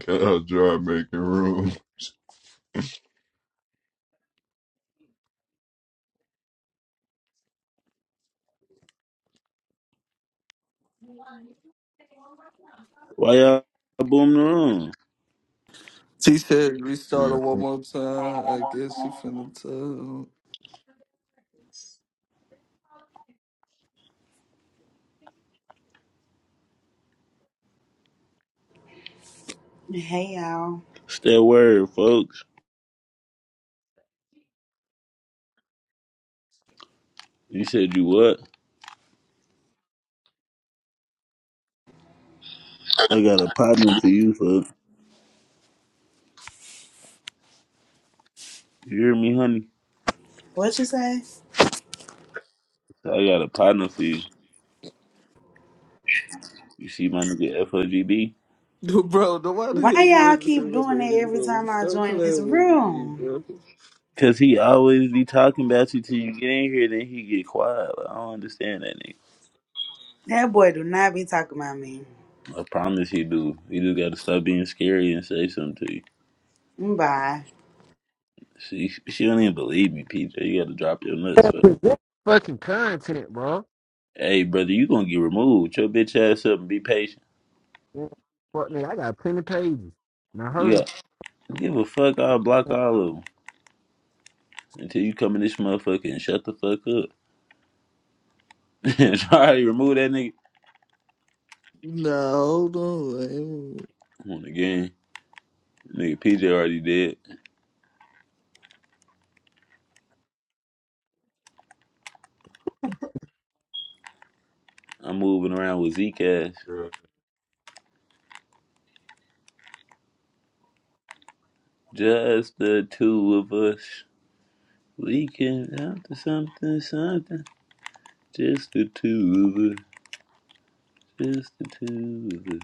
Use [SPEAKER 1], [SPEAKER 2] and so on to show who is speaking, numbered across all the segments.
[SPEAKER 1] Cow dry making room.
[SPEAKER 2] Why y'all booming the room?
[SPEAKER 3] T said restart it
[SPEAKER 1] Yeah.
[SPEAKER 3] one more time. I guess she finna tell.
[SPEAKER 4] Hey y'all.
[SPEAKER 2] It's that word, folks. You said you what? I got a partner for you, folks. You hear me, honey?
[SPEAKER 4] What you say?
[SPEAKER 2] I got a partner for you. You see my nigga FOGB?
[SPEAKER 3] Dude, Bro, nobody
[SPEAKER 4] Why
[SPEAKER 3] hear you
[SPEAKER 4] y'all
[SPEAKER 3] in the
[SPEAKER 4] keep
[SPEAKER 3] same
[SPEAKER 4] doing that
[SPEAKER 3] name,
[SPEAKER 4] every
[SPEAKER 3] bro.
[SPEAKER 4] time I
[SPEAKER 3] Stop
[SPEAKER 4] join this
[SPEAKER 3] playing with me,
[SPEAKER 4] room?
[SPEAKER 3] bro.
[SPEAKER 2] Cause he always be talking about you till you get in here, then he get quiet. Like, I don't understand that nigga.
[SPEAKER 4] That boy do not be talking about me.
[SPEAKER 2] I promise he do. He just gotta stop being scary and say something to you.
[SPEAKER 4] Mm, Bye.
[SPEAKER 2] She she don't even believe me, PJ. You gotta drop your nuts.
[SPEAKER 5] gotta
[SPEAKER 2] fuck.
[SPEAKER 5] present fucking content, bro.
[SPEAKER 2] hey, brother, you gonna get removed. Your bitch ass up and be patient.
[SPEAKER 5] Yeah, Fuck me, I got plenty of pages. And I heard
[SPEAKER 2] Yeah. Give a fuck, I'll block all of them until you come in this motherfucker and shut the fuck up. I already removed that nigga.
[SPEAKER 3] Nah, hold on. I ain't-
[SPEAKER 2] Come on again. Nigga PJ already did. I'm moving around with Zcash.
[SPEAKER 1] yeah.
[SPEAKER 2] Just the two of us. Leaking out to something, something. Just the two of us. Just the two of us.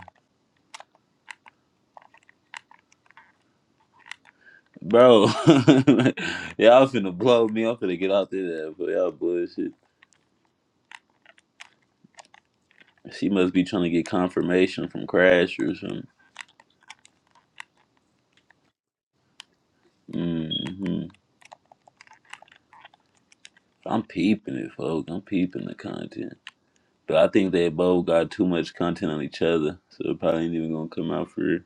[SPEAKER 2] Bro, y'all finna blow me. I'm finna get out there for y'all bullshit. She must be trying to get confirmation from Crash or something. hmm I'm peeping it, folks. I'm peeping the content. But I think they both got too much content on each other, so it probably ain't even gonna come out for real.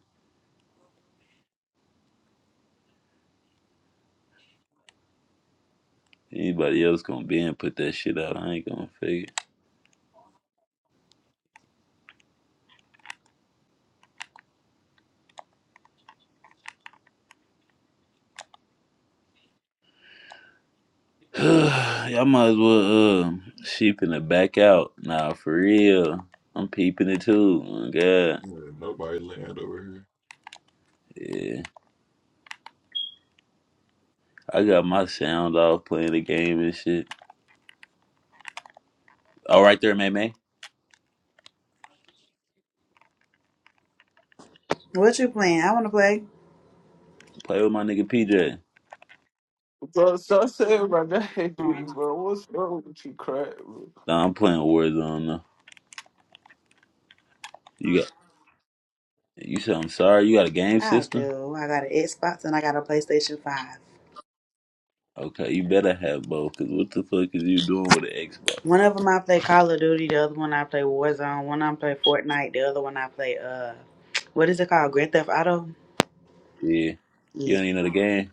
[SPEAKER 2] Anybody else gonna be and put that shit out? I ain't gonna figure. Y'all might as well um sheeping it back out. Nah, for real. I'm peeping it too. Oh, my God,
[SPEAKER 1] Yeah, Nobody land over here.
[SPEAKER 2] yeah. I got my sound off playing the game and shit. All right there, man, man.
[SPEAKER 4] What you playing? I wanna play.
[SPEAKER 2] Play with my nigga PJ.
[SPEAKER 3] Bro, stop saying my name,
[SPEAKER 4] Um,
[SPEAKER 3] bro. What's wrong with you, crap, bro?
[SPEAKER 2] Nah, I'm playing Warzone though. You got you said I'm sorry. You got a game
[SPEAKER 4] I
[SPEAKER 2] system?
[SPEAKER 4] do. I got an Xbox and I got a PlayStation 5.
[SPEAKER 2] Okay, you better have both. Cause what the fuck is you doing with an Xbox?
[SPEAKER 4] One of them I play Call of Duty, the other one I play Warzone, one I play Fortnite, the other one I play uh what is it called? Grand Theft Auto?
[SPEAKER 2] Yeah, you
[SPEAKER 4] Yeah.
[SPEAKER 2] don't even know the game.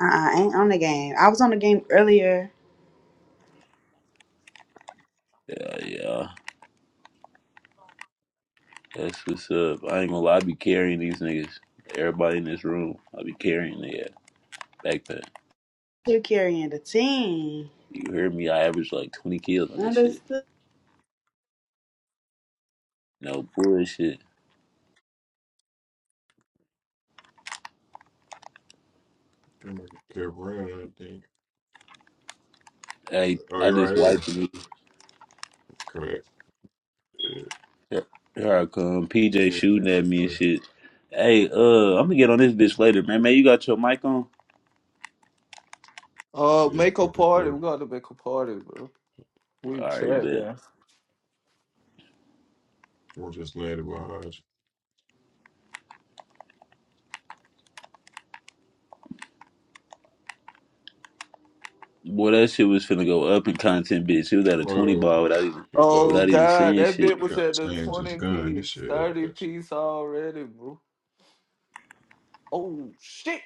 [SPEAKER 4] Uh uh ain't on the game. I was on the game earlier.
[SPEAKER 2] Yeah, yeah, that's what's up. I ain't gonna lie, I be carrying these niggas. Everybody in this room, I be carrying their backpack.
[SPEAKER 4] Still carrying the team.
[SPEAKER 2] You hear me? I average like twenty kills on this shit.
[SPEAKER 4] Understood.
[SPEAKER 2] No bullshit.
[SPEAKER 1] Them niggas kept running, I think.
[SPEAKER 2] Hey,
[SPEAKER 1] Oh,
[SPEAKER 2] I
[SPEAKER 1] you're right
[SPEAKER 2] just wiped
[SPEAKER 1] here.
[SPEAKER 2] the nigga.
[SPEAKER 1] Correct. Yeah.
[SPEAKER 2] Here here I come.
[SPEAKER 1] So
[SPEAKER 2] PJ
[SPEAKER 1] We ain't
[SPEAKER 2] shooting
[SPEAKER 1] like
[SPEAKER 2] at
[SPEAKER 1] this
[SPEAKER 2] me and
[SPEAKER 1] way.
[SPEAKER 2] shit. Hey, uh, I'm gonna get on this bitch later, man. Man, you got your mic on?
[SPEAKER 3] Uh,
[SPEAKER 1] Yeah,
[SPEAKER 3] make
[SPEAKER 1] yeah,
[SPEAKER 3] a party.
[SPEAKER 1] yeah.
[SPEAKER 3] We gotta make a party, bro.
[SPEAKER 1] But
[SPEAKER 2] All
[SPEAKER 3] We
[SPEAKER 2] right,
[SPEAKER 3] chat,
[SPEAKER 2] bet.
[SPEAKER 3] man.
[SPEAKER 1] we'll just landed behind you.
[SPEAKER 2] Boy, that shit was finna go up in content, bitch. It was at a twenty
[SPEAKER 1] Bro,
[SPEAKER 2] bar without even
[SPEAKER 1] he low.
[SPEAKER 3] Oh,
[SPEAKER 2] without even
[SPEAKER 3] God.
[SPEAKER 2] saying
[SPEAKER 3] That
[SPEAKER 2] shit.
[SPEAKER 3] bit
[SPEAKER 1] I
[SPEAKER 3] was
[SPEAKER 1] gotta
[SPEAKER 3] at the
[SPEAKER 1] change this
[SPEAKER 3] 20
[SPEAKER 1] gun. This
[SPEAKER 3] piece,
[SPEAKER 1] shit
[SPEAKER 3] 30
[SPEAKER 1] ass.
[SPEAKER 3] piece already, bro. Oh, shit.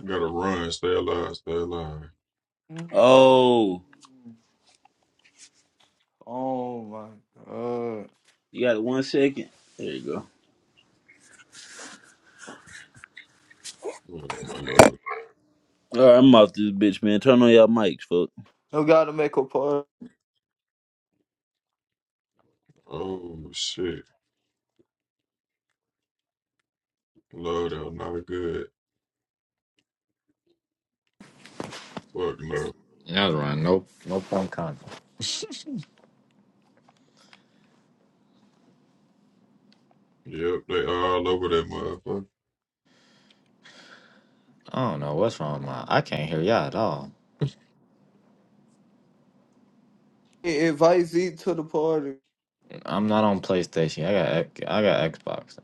[SPEAKER 1] You gotta run, stay alive, stay alive.
[SPEAKER 2] Oh,
[SPEAKER 3] Mm. Oh my god.
[SPEAKER 2] you got one second. There you go.
[SPEAKER 1] Man, I love.
[SPEAKER 2] All right, I'm off this bitch, man. Turn on y'all mics, fuck.
[SPEAKER 3] I gotta make a party.
[SPEAKER 1] Oh shit. Love that not good. Fuck no.
[SPEAKER 6] Y'all run no no point Con.
[SPEAKER 1] Yep, they all over that motherfucker.
[SPEAKER 6] I don't know what's wrong with my. I can't hear y'all at all.
[SPEAKER 3] Invite Z to the party.
[SPEAKER 6] I'm not on PlayStation. I got X- I got Xbox.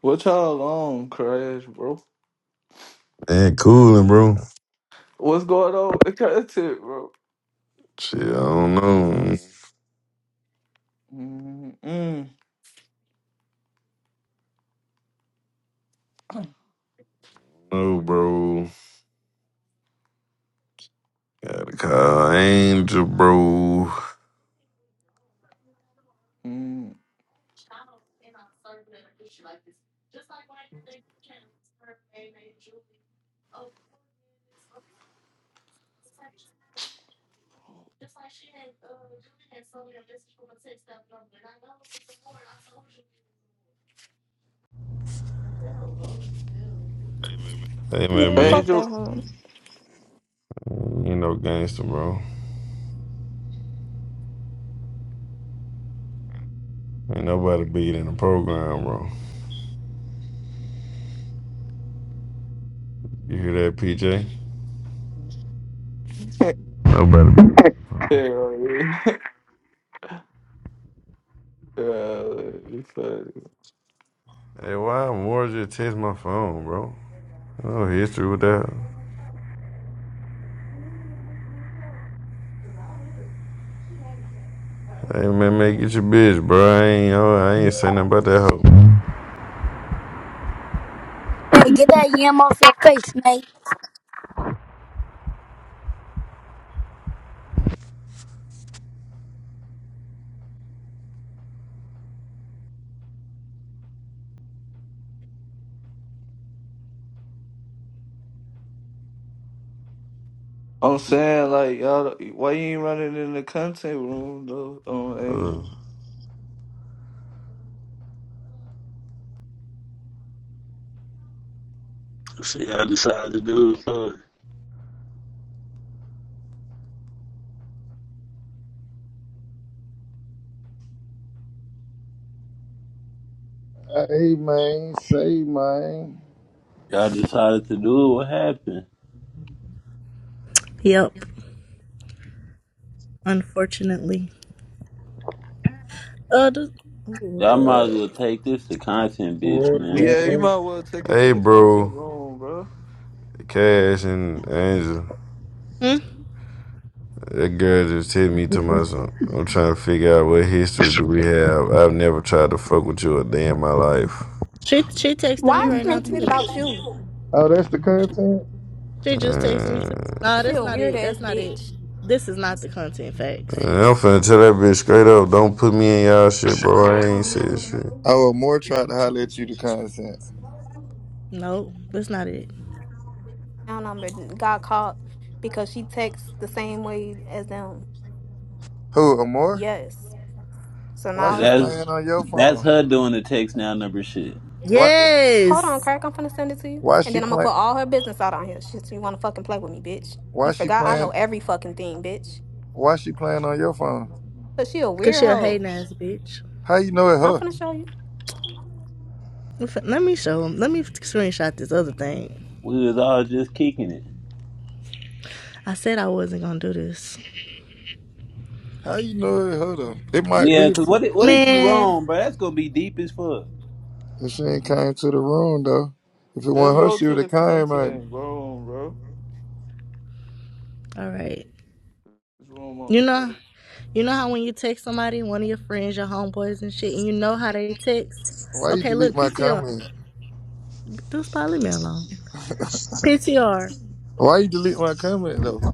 [SPEAKER 3] What y'all on, Crash, bro?
[SPEAKER 7] Man, cooling, bro.
[SPEAKER 3] What's going on with the content, bro?
[SPEAKER 7] Shit, I don't know.
[SPEAKER 3] Mm-mm. Mm.
[SPEAKER 7] No, bro. Gotta call Angel, bro.
[SPEAKER 3] mm.
[SPEAKER 7] Hey, man,
[SPEAKER 8] Man,
[SPEAKER 7] mate.
[SPEAKER 8] fuck
[SPEAKER 3] Angel.
[SPEAKER 8] that home.
[SPEAKER 7] You know, gangster, bro. Ain't nobody beat in the program, bro. You hear that, PJ?
[SPEAKER 3] yeah,
[SPEAKER 7] Nobody beat.
[SPEAKER 3] right. Yeah, it's funny.
[SPEAKER 7] Hey, why more just text my phone, bro? No history with that. Hey, man, mate, get your bitch, bro. I ain't, oh, I ain't saying nothing about that
[SPEAKER 9] Hey, get that yam off your face, man.
[SPEAKER 3] I'm saying, like, y'all, why you ain't running in the content room, though, um, Angel?
[SPEAKER 7] hoe.
[SPEAKER 2] See, I decided to do it. Huh?
[SPEAKER 10] Hey man, say man.
[SPEAKER 2] Y'all decided to do it. What happened?
[SPEAKER 11] Yep. Unfortunately. Uh, the, oh
[SPEAKER 2] Y'all might as
[SPEAKER 11] Lord.
[SPEAKER 2] well take this to content, bitch, man.
[SPEAKER 3] Yeah, you
[SPEAKER 10] Okay.
[SPEAKER 3] might well
[SPEAKER 7] Uh,
[SPEAKER 3] take it to
[SPEAKER 7] hey,
[SPEAKER 3] the content
[SPEAKER 7] bro.
[SPEAKER 3] room, bro.
[SPEAKER 7] Cash and Angel.
[SPEAKER 11] Hmm?
[SPEAKER 7] That girl just hit me to my son. I'm trying to figure out what history do we have. I've never tried to fuck with you a day in my life.
[SPEAKER 11] She she texted me
[SPEAKER 8] Why is
[SPEAKER 11] right
[SPEAKER 8] she
[SPEAKER 11] now
[SPEAKER 8] making it
[SPEAKER 11] too.
[SPEAKER 8] about you?
[SPEAKER 10] Oh, that's the content?
[SPEAKER 11] She just texted me
[SPEAKER 7] Uh,
[SPEAKER 11] too. Nah,
[SPEAKER 8] She
[SPEAKER 11] that's
[SPEAKER 8] a
[SPEAKER 11] not
[SPEAKER 8] weird
[SPEAKER 11] it.
[SPEAKER 8] ass
[SPEAKER 11] That's not it.
[SPEAKER 8] bitch.
[SPEAKER 11] This is not the content facts.
[SPEAKER 7] and I'm finna tell that bitch straight up, don't put me in y'all shit, bro. I ain't said shit.
[SPEAKER 10] Oh, Amore tried to holler at you the content.
[SPEAKER 11] Nope, that's not it.
[SPEAKER 8] Now number got caught because she texts the same way as them.
[SPEAKER 10] Who, Amore?
[SPEAKER 8] Yes. So
[SPEAKER 10] Why
[SPEAKER 2] So
[SPEAKER 8] now
[SPEAKER 10] she
[SPEAKER 8] it's
[SPEAKER 10] playing
[SPEAKER 2] that's
[SPEAKER 10] on your
[SPEAKER 2] that's
[SPEAKER 10] phone?
[SPEAKER 2] her doing the text now number shit.
[SPEAKER 10] Why
[SPEAKER 8] hold on,
[SPEAKER 11] Yes,
[SPEAKER 8] crack. I'm finna send it to you,
[SPEAKER 10] why
[SPEAKER 8] and
[SPEAKER 10] she
[SPEAKER 8] then I'm gonna
[SPEAKER 10] playing
[SPEAKER 8] put all her business out on here. She, you wanna fucking play with me, bitch? You
[SPEAKER 10] why she
[SPEAKER 8] forgot I know
[SPEAKER 10] playing
[SPEAKER 8] every fucking thing, bitch.
[SPEAKER 10] why she playing on your phone?
[SPEAKER 8] But she a
[SPEAKER 11] cause
[SPEAKER 8] weird
[SPEAKER 11] she a
[SPEAKER 8] hoe.
[SPEAKER 11] hating ass bitch.
[SPEAKER 10] How you know it
[SPEAKER 8] I'm
[SPEAKER 10] her?
[SPEAKER 8] finna show you.
[SPEAKER 11] In fact, Let me show him. Let me screenshot this other thing.
[SPEAKER 2] We was all just kicking it.
[SPEAKER 11] I said I wasn't gonna do this,
[SPEAKER 10] How you know it her though? It might
[SPEAKER 2] Yeah,
[SPEAKER 10] be
[SPEAKER 2] cause
[SPEAKER 10] if
[SPEAKER 2] what if, what if you
[SPEAKER 11] man.
[SPEAKER 2] wrong, bro? That's gonna be deep as fuck.
[SPEAKER 10] if she ain't came to the room though. If it
[SPEAKER 3] Just
[SPEAKER 2] Yeah,
[SPEAKER 10] wasn't her,
[SPEAKER 3] go
[SPEAKER 10] she would
[SPEAKER 3] to the
[SPEAKER 10] have came man.
[SPEAKER 3] content room, bro.
[SPEAKER 11] All right.
[SPEAKER 3] There's room on the
[SPEAKER 11] You know, you know how when you text somebody, one of your friends, your homeboys and shit, and you know how they text.
[SPEAKER 10] Why you
[SPEAKER 11] Okay,
[SPEAKER 10] delete
[SPEAKER 11] look,
[SPEAKER 10] my
[SPEAKER 11] PTR.
[SPEAKER 10] comment?
[SPEAKER 11] Just probably leave me alone. PTR.
[SPEAKER 10] Why you delete my comment
[SPEAKER 3] floor.
[SPEAKER 10] though?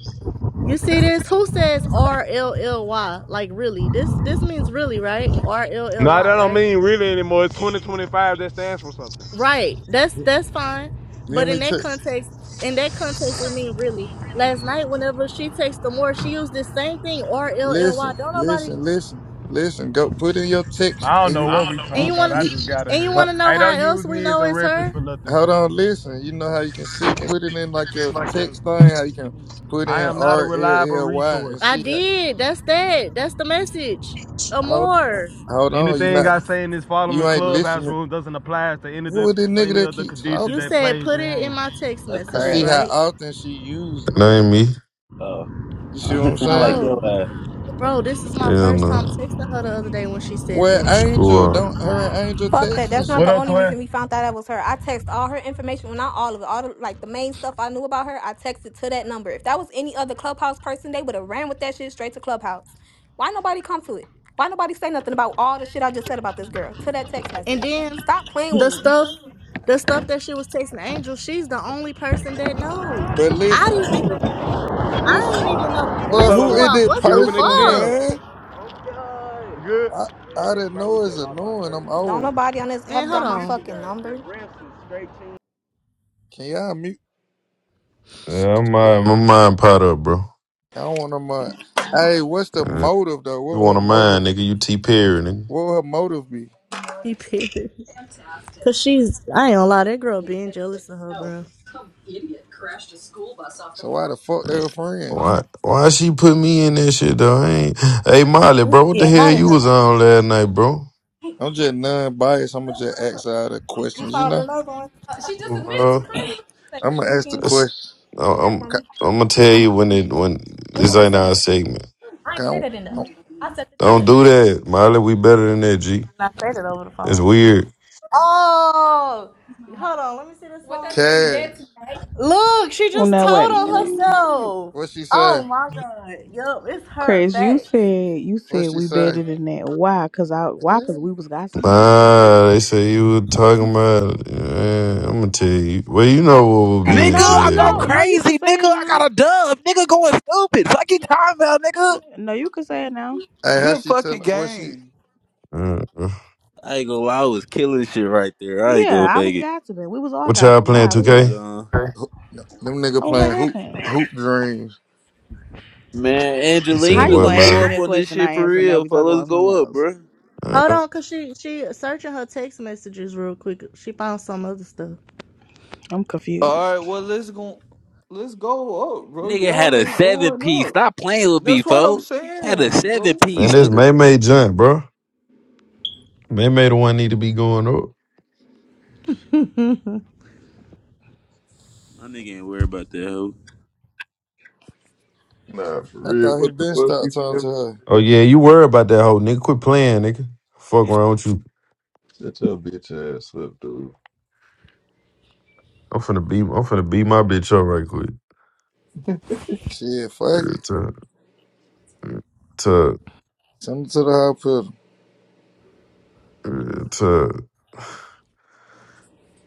[SPEAKER 11] You see this? Who says R L L Y? Like really? This this means really, right? R L L
[SPEAKER 12] Nah,
[SPEAKER 11] Y,
[SPEAKER 12] that don't
[SPEAKER 11] right?
[SPEAKER 12] mean really anymore. It's 2025. That stands for something.
[SPEAKER 11] Right. That's that's fine.
[SPEAKER 10] Let
[SPEAKER 11] But in
[SPEAKER 10] me check.
[SPEAKER 11] that context, in that context, it means really. Last night, whenever she takes the she used this same thing, R L L Y.
[SPEAKER 10] Listen,
[SPEAKER 11] Don't nobody.
[SPEAKER 10] listen, listen, listen. Go put in your text,
[SPEAKER 12] I don't
[SPEAKER 10] and you
[SPEAKER 12] know
[SPEAKER 10] know,
[SPEAKER 12] what we
[SPEAKER 11] And
[SPEAKER 10] you
[SPEAKER 12] talking
[SPEAKER 11] you
[SPEAKER 12] about.
[SPEAKER 11] wanna,
[SPEAKER 12] I
[SPEAKER 10] you.
[SPEAKER 12] just got in
[SPEAKER 11] and you
[SPEAKER 12] here.
[SPEAKER 10] ho-
[SPEAKER 11] wanna know
[SPEAKER 12] Hey, don't
[SPEAKER 11] how
[SPEAKER 12] use
[SPEAKER 11] else we
[SPEAKER 12] me as
[SPEAKER 11] know
[SPEAKER 12] a
[SPEAKER 11] it's
[SPEAKER 12] reference
[SPEAKER 11] her?
[SPEAKER 12] for nothing.
[SPEAKER 10] Hold on, listen. You know how you can see. Put it in like your
[SPEAKER 7] That
[SPEAKER 10] text thing. How you can put
[SPEAKER 12] I
[SPEAKER 10] in
[SPEAKER 12] am not a
[SPEAKER 10] R L
[SPEAKER 12] reliable
[SPEAKER 10] L Y and
[SPEAKER 12] resource.
[SPEAKER 11] I
[SPEAKER 10] see. How,
[SPEAKER 11] did. That's that. That's the message.
[SPEAKER 10] hold
[SPEAKER 11] Amor.
[SPEAKER 10] hold on. You
[SPEAKER 12] Anything
[SPEAKER 10] not
[SPEAKER 12] I say in this following
[SPEAKER 10] you ain't
[SPEAKER 12] clubhouse
[SPEAKER 10] listening.
[SPEAKER 12] room doesn't apply to any of
[SPEAKER 10] Who
[SPEAKER 12] the
[SPEAKER 10] is this nigga
[SPEAKER 12] any
[SPEAKER 10] that
[SPEAKER 12] of the
[SPEAKER 10] keep
[SPEAKER 12] conditions
[SPEAKER 11] You
[SPEAKER 10] talking,
[SPEAKER 12] that
[SPEAKER 10] man?
[SPEAKER 11] said
[SPEAKER 12] plays
[SPEAKER 11] put
[SPEAKER 12] in
[SPEAKER 11] it in
[SPEAKER 12] hand.
[SPEAKER 11] my text
[SPEAKER 2] that's
[SPEAKER 10] And
[SPEAKER 11] messages,
[SPEAKER 10] see
[SPEAKER 2] crash.
[SPEAKER 10] how
[SPEAKER 11] right,
[SPEAKER 10] often she use it.
[SPEAKER 7] ain't me.
[SPEAKER 2] Oh.
[SPEAKER 10] You see
[SPEAKER 2] Uh,
[SPEAKER 10] what I'm
[SPEAKER 2] It sound like
[SPEAKER 10] saying?
[SPEAKER 2] yo,
[SPEAKER 11] bro?
[SPEAKER 2] uh,
[SPEAKER 11] Bro, this is my
[SPEAKER 7] Yeah,
[SPEAKER 11] first time
[SPEAKER 7] no.
[SPEAKER 11] texting her the other day when she said
[SPEAKER 10] Well,
[SPEAKER 11] that.
[SPEAKER 10] Angel
[SPEAKER 7] Screw up.
[SPEAKER 10] don't her and Angel
[SPEAKER 8] Fuck that.
[SPEAKER 10] text and
[SPEAKER 8] That's not
[SPEAKER 12] What
[SPEAKER 10] shit.
[SPEAKER 8] the
[SPEAKER 12] up,
[SPEAKER 8] only
[SPEAKER 12] twin?
[SPEAKER 8] reason we found out that was her. I text all her information. Well, not all of it. All the, like the main stuff I knew about her, I texted to that number. If that was any other Clubhouse person, they would have ran with that shit straight to Clubhouse. Why nobody come to it? Why nobody say nothing about all the shit I just said about this girl to that text
[SPEAKER 11] And
[SPEAKER 8] message?
[SPEAKER 11] then
[SPEAKER 8] Stop playing with
[SPEAKER 11] the
[SPEAKER 8] me.
[SPEAKER 11] stuff the stuff that she was texting Angel, she's the only person that know.
[SPEAKER 10] But
[SPEAKER 11] I
[SPEAKER 10] listen,
[SPEAKER 11] didn't even I
[SPEAKER 10] this
[SPEAKER 11] ain't even know
[SPEAKER 12] What's
[SPEAKER 11] man
[SPEAKER 10] bro,
[SPEAKER 12] up, little
[SPEAKER 10] who
[SPEAKER 11] school
[SPEAKER 10] is
[SPEAKER 11] out,
[SPEAKER 10] this
[SPEAKER 11] what
[SPEAKER 12] bro? You
[SPEAKER 11] the
[SPEAKER 12] hooping at the
[SPEAKER 10] person,
[SPEAKER 11] fuck?
[SPEAKER 12] gym?
[SPEAKER 10] man?
[SPEAKER 12] Okay. Good.
[SPEAKER 10] I, I didn't know it's annoying. I'm
[SPEAKER 8] Don't
[SPEAKER 10] old.
[SPEAKER 8] nobody on this
[SPEAKER 11] Man,
[SPEAKER 8] app
[SPEAKER 11] hold
[SPEAKER 8] got my
[SPEAKER 11] on.
[SPEAKER 8] fucking number.
[SPEAKER 10] Can y'all mute? I s-
[SPEAKER 7] Yeah, I'm
[SPEAKER 10] oh,
[SPEAKER 7] mind, my mind pot up, bro.
[SPEAKER 10] I don't want to Uh, hey, what's the
[SPEAKER 7] Uh,
[SPEAKER 10] motive though?
[SPEAKER 7] you
[SPEAKER 10] What would
[SPEAKER 7] want
[SPEAKER 10] her
[SPEAKER 7] a
[SPEAKER 10] motive?
[SPEAKER 7] mind, nigga? You T Perry, nigga.
[SPEAKER 10] What would her motive be?
[SPEAKER 11] He pissed. Cause she's I ain't gonna lie, that girl being jealous of her, bro.
[SPEAKER 10] So why the fuck they were friends?
[SPEAKER 7] Why? Why she put me in that shit though? I ain't. Hey Molly, bro, what the
[SPEAKER 11] Yeah,
[SPEAKER 7] hell
[SPEAKER 11] how the hell?
[SPEAKER 7] you
[SPEAKER 11] here
[SPEAKER 7] was on last night, bro?
[SPEAKER 10] I'm just non-biased. I'm gonna just ask all the
[SPEAKER 11] You
[SPEAKER 10] questions. You
[SPEAKER 11] found
[SPEAKER 10] know,
[SPEAKER 11] another one?
[SPEAKER 7] Ooh, Bro.
[SPEAKER 10] I'm gonna ask the
[SPEAKER 7] That's,
[SPEAKER 10] question.
[SPEAKER 7] I'm
[SPEAKER 10] Ca-
[SPEAKER 7] I'm gonna tell you when it when it's in our segment.
[SPEAKER 10] Can
[SPEAKER 7] Don't do that, Molly. We better than that, G.
[SPEAKER 11] I said it over the
[SPEAKER 7] It's
[SPEAKER 11] phone.
[SPEAKER 7] weird.
[SPEAKER 11] Oh, hold on. Let me see this one. one.
[SPEAKER 10] Cash,
[SPEAKER 11] Look, she
[SPEAKER 13] Well,
[SPEAKER 11] just
[SPEAKER 13] now
[SPEAKER 11] told
[SPEAKER 13] wait a
[SPEAKER 11] on
[SPEAKER 13] minute,
[SPEAKER 3] Ooh,
[SPEAKER 11] herself.
[SPEAKER 10] what she
[SPEAKER 11] Oh
[SPEAKER 10] say?
[SPEAKER 11] my god. Yup, it's her.
[SPEAKER 13] Chris. You
[SPEAKER 11] Facts.
[SPEAKER 13] said you
[SPEAKER 10] What
[SPEAKER 13] said
[SPEAKER 10] she
[SPEAKER 13] we
[SPEAKER 10] say?
[SPEAKER 13] better than that. Why? Cause I why?
[SPEAKER 10] Yeah.
[SPEAKER 13] Cause we was gossiping.
[SPEAKER 7] Ah, they say you were talking about. Man, I'm gonna tell you. Well, you know what was
[SPEAKER 2] Nigga,
[SPEAKER 7] being
[SPEAKER 13] No,
[SPEAKER 2] I
[SPEAKER 7] said,
[SPEAKER 2] go
[SPEAKER 13] no, no.
[SPEAKER 7] man.
[SPEAKER 13] You can
[SPEAKER 2] crazy,
[SPEAKER 13] say it
[SPEAKER 2] nigga. I
[SPEAKER 13] now.
[SPEAKER 2] got a dub, nigga going stupid. Fuck you talking about, nigga.
[SPEAKER 13] No, you can say it now.
[SPEAKER 10] Hey, how
[SPEAKER 3] Good
[SPEAKER 10] she tell?
[SPEAKER 3] fucking
[SPEAKER 10] What she?
[SPEAKER 3] game.
[SPEAKER 7] Uh, uh.
[SPEAKER 2] I ain't gonna lie, I was killing shit right there. I ain't
[SPEAKER 13] Yeah,
[SPEAKER 2] gonna
[SPEAKER 13] I was
[SPEAKER 2] fake it.
[SPEAKER 13] gossiping. We was all
[SPEAKER 7] what y'all
[SPEAKER 13] gossiping.
[SPEAKER 7] playing
[SPEAKER 13] Why? What's
[SPEAKER 2] Where's
[SPEAKER 7] 2K?
[SPEAKER 13] up?
[SPEAKER 2] uh
[SPEAKER 11] Her.
[SPEAKER 10] who- no, Them nigga
[SPEAKER 13] Oh, what
[SPEAKER 10] playing hoop
[SPEAKER 13] happened?
[SPEAKER 10] hoop dreams.
[SPEAKER 2] man
[SPEAKER 7] You said
[SPEAKER 13] How
[SPEAKER 2] Angelina?
[SPEAKER 13] you
[SPEAKER 7] what,
[SPEAKER 13] gonna
[SPEAKER 2] Let's
[SPEAKER 13] ask
[SPEAKER 2] go
[SPEAKER 13] me
[SPEAKER 2] up
[SPEAKER 7] Molly?
[SPEAKER 13] a
[SPEAKER 2] on this
[SPEAKER 13] question
[SPEAKER 2] shit
[SPEAKER 13] I
[SPEAKER 2] for
[SPEAKER 13] answer now?
[SPEAKER 2] real,
[SPEAKER 13] We
[SPEAKER 2] fo.
[SPEAKER 13] talk
[SPEAKER 2] Let's
[SPEAKER 13] about something
[SPEAKER 2] go up,
[SPEAKER 13] else.
[SPEAKER 2] bruh.
[SPEAKER 7] Uh,
[SPEAKER 11] Hold on, cause she she searching her text messages real quick. She found some other stuff.
[SPEAKER 13] I'm
[SPEAKER 3] All right,
[SPEAKER 13] confused.
[SPEAKER 3] well let's go. Let's go up, bro.
[SPEAKER 2] Nigga had
[SPEAKER 3] Y'all
[SPEAKER 2] a
[SPEAKER 3] ain't
[SPEAKER 2] seven
[SPEAKER 3] going
[SPEAKER 2] piece.
[SPEAKER 3] up.
[SPEAKER 2] Stop playing with me,
[SPEAKER 3] That's what I'm
[SPEAKER 2] fo. Had a
[SPEAKER 3] saying,
[SPEAKER 2] seven
[SPEAKER 3] bro.
[SPEAKER 7] man,
[SPEAKER 2] piece,
[SPEAKER 7] this
[SPEAKER 2] nigga.
[SPEAKER 7] May May jump, bro. May May the one need to be going up.
[SPEAKER 2] My nigga ain't worried about that hoe.
[SPEAKER 1] Nah, for
[SPEAKER 10] I
[SPEAKER 1] real.
[SPEAKER 10] thought he
[SPEAKER 1] What the
[SPEAKER 10] been
[SPEAKER 1] fuck you
[SPEAKER 10] stopped talking to
[SPEAKER 1] feel?
[SPEAKER 10] her.
[SPEAKER 7] Oh yeah, you worry about that whole nigga. Quit playing, nigga. Fuck around with you.
[SPEAKER 1] Shut your bitch ass up, dude.
[SPEAKER 7] I'm finna beat. I'm finna beat my bitch up right quick.
[SPEAKER 10] Shit, fuck it.
[SPEAKER 7] to
[SPEAKER 10] Send it to the hospital.
[SPEAKER 7] to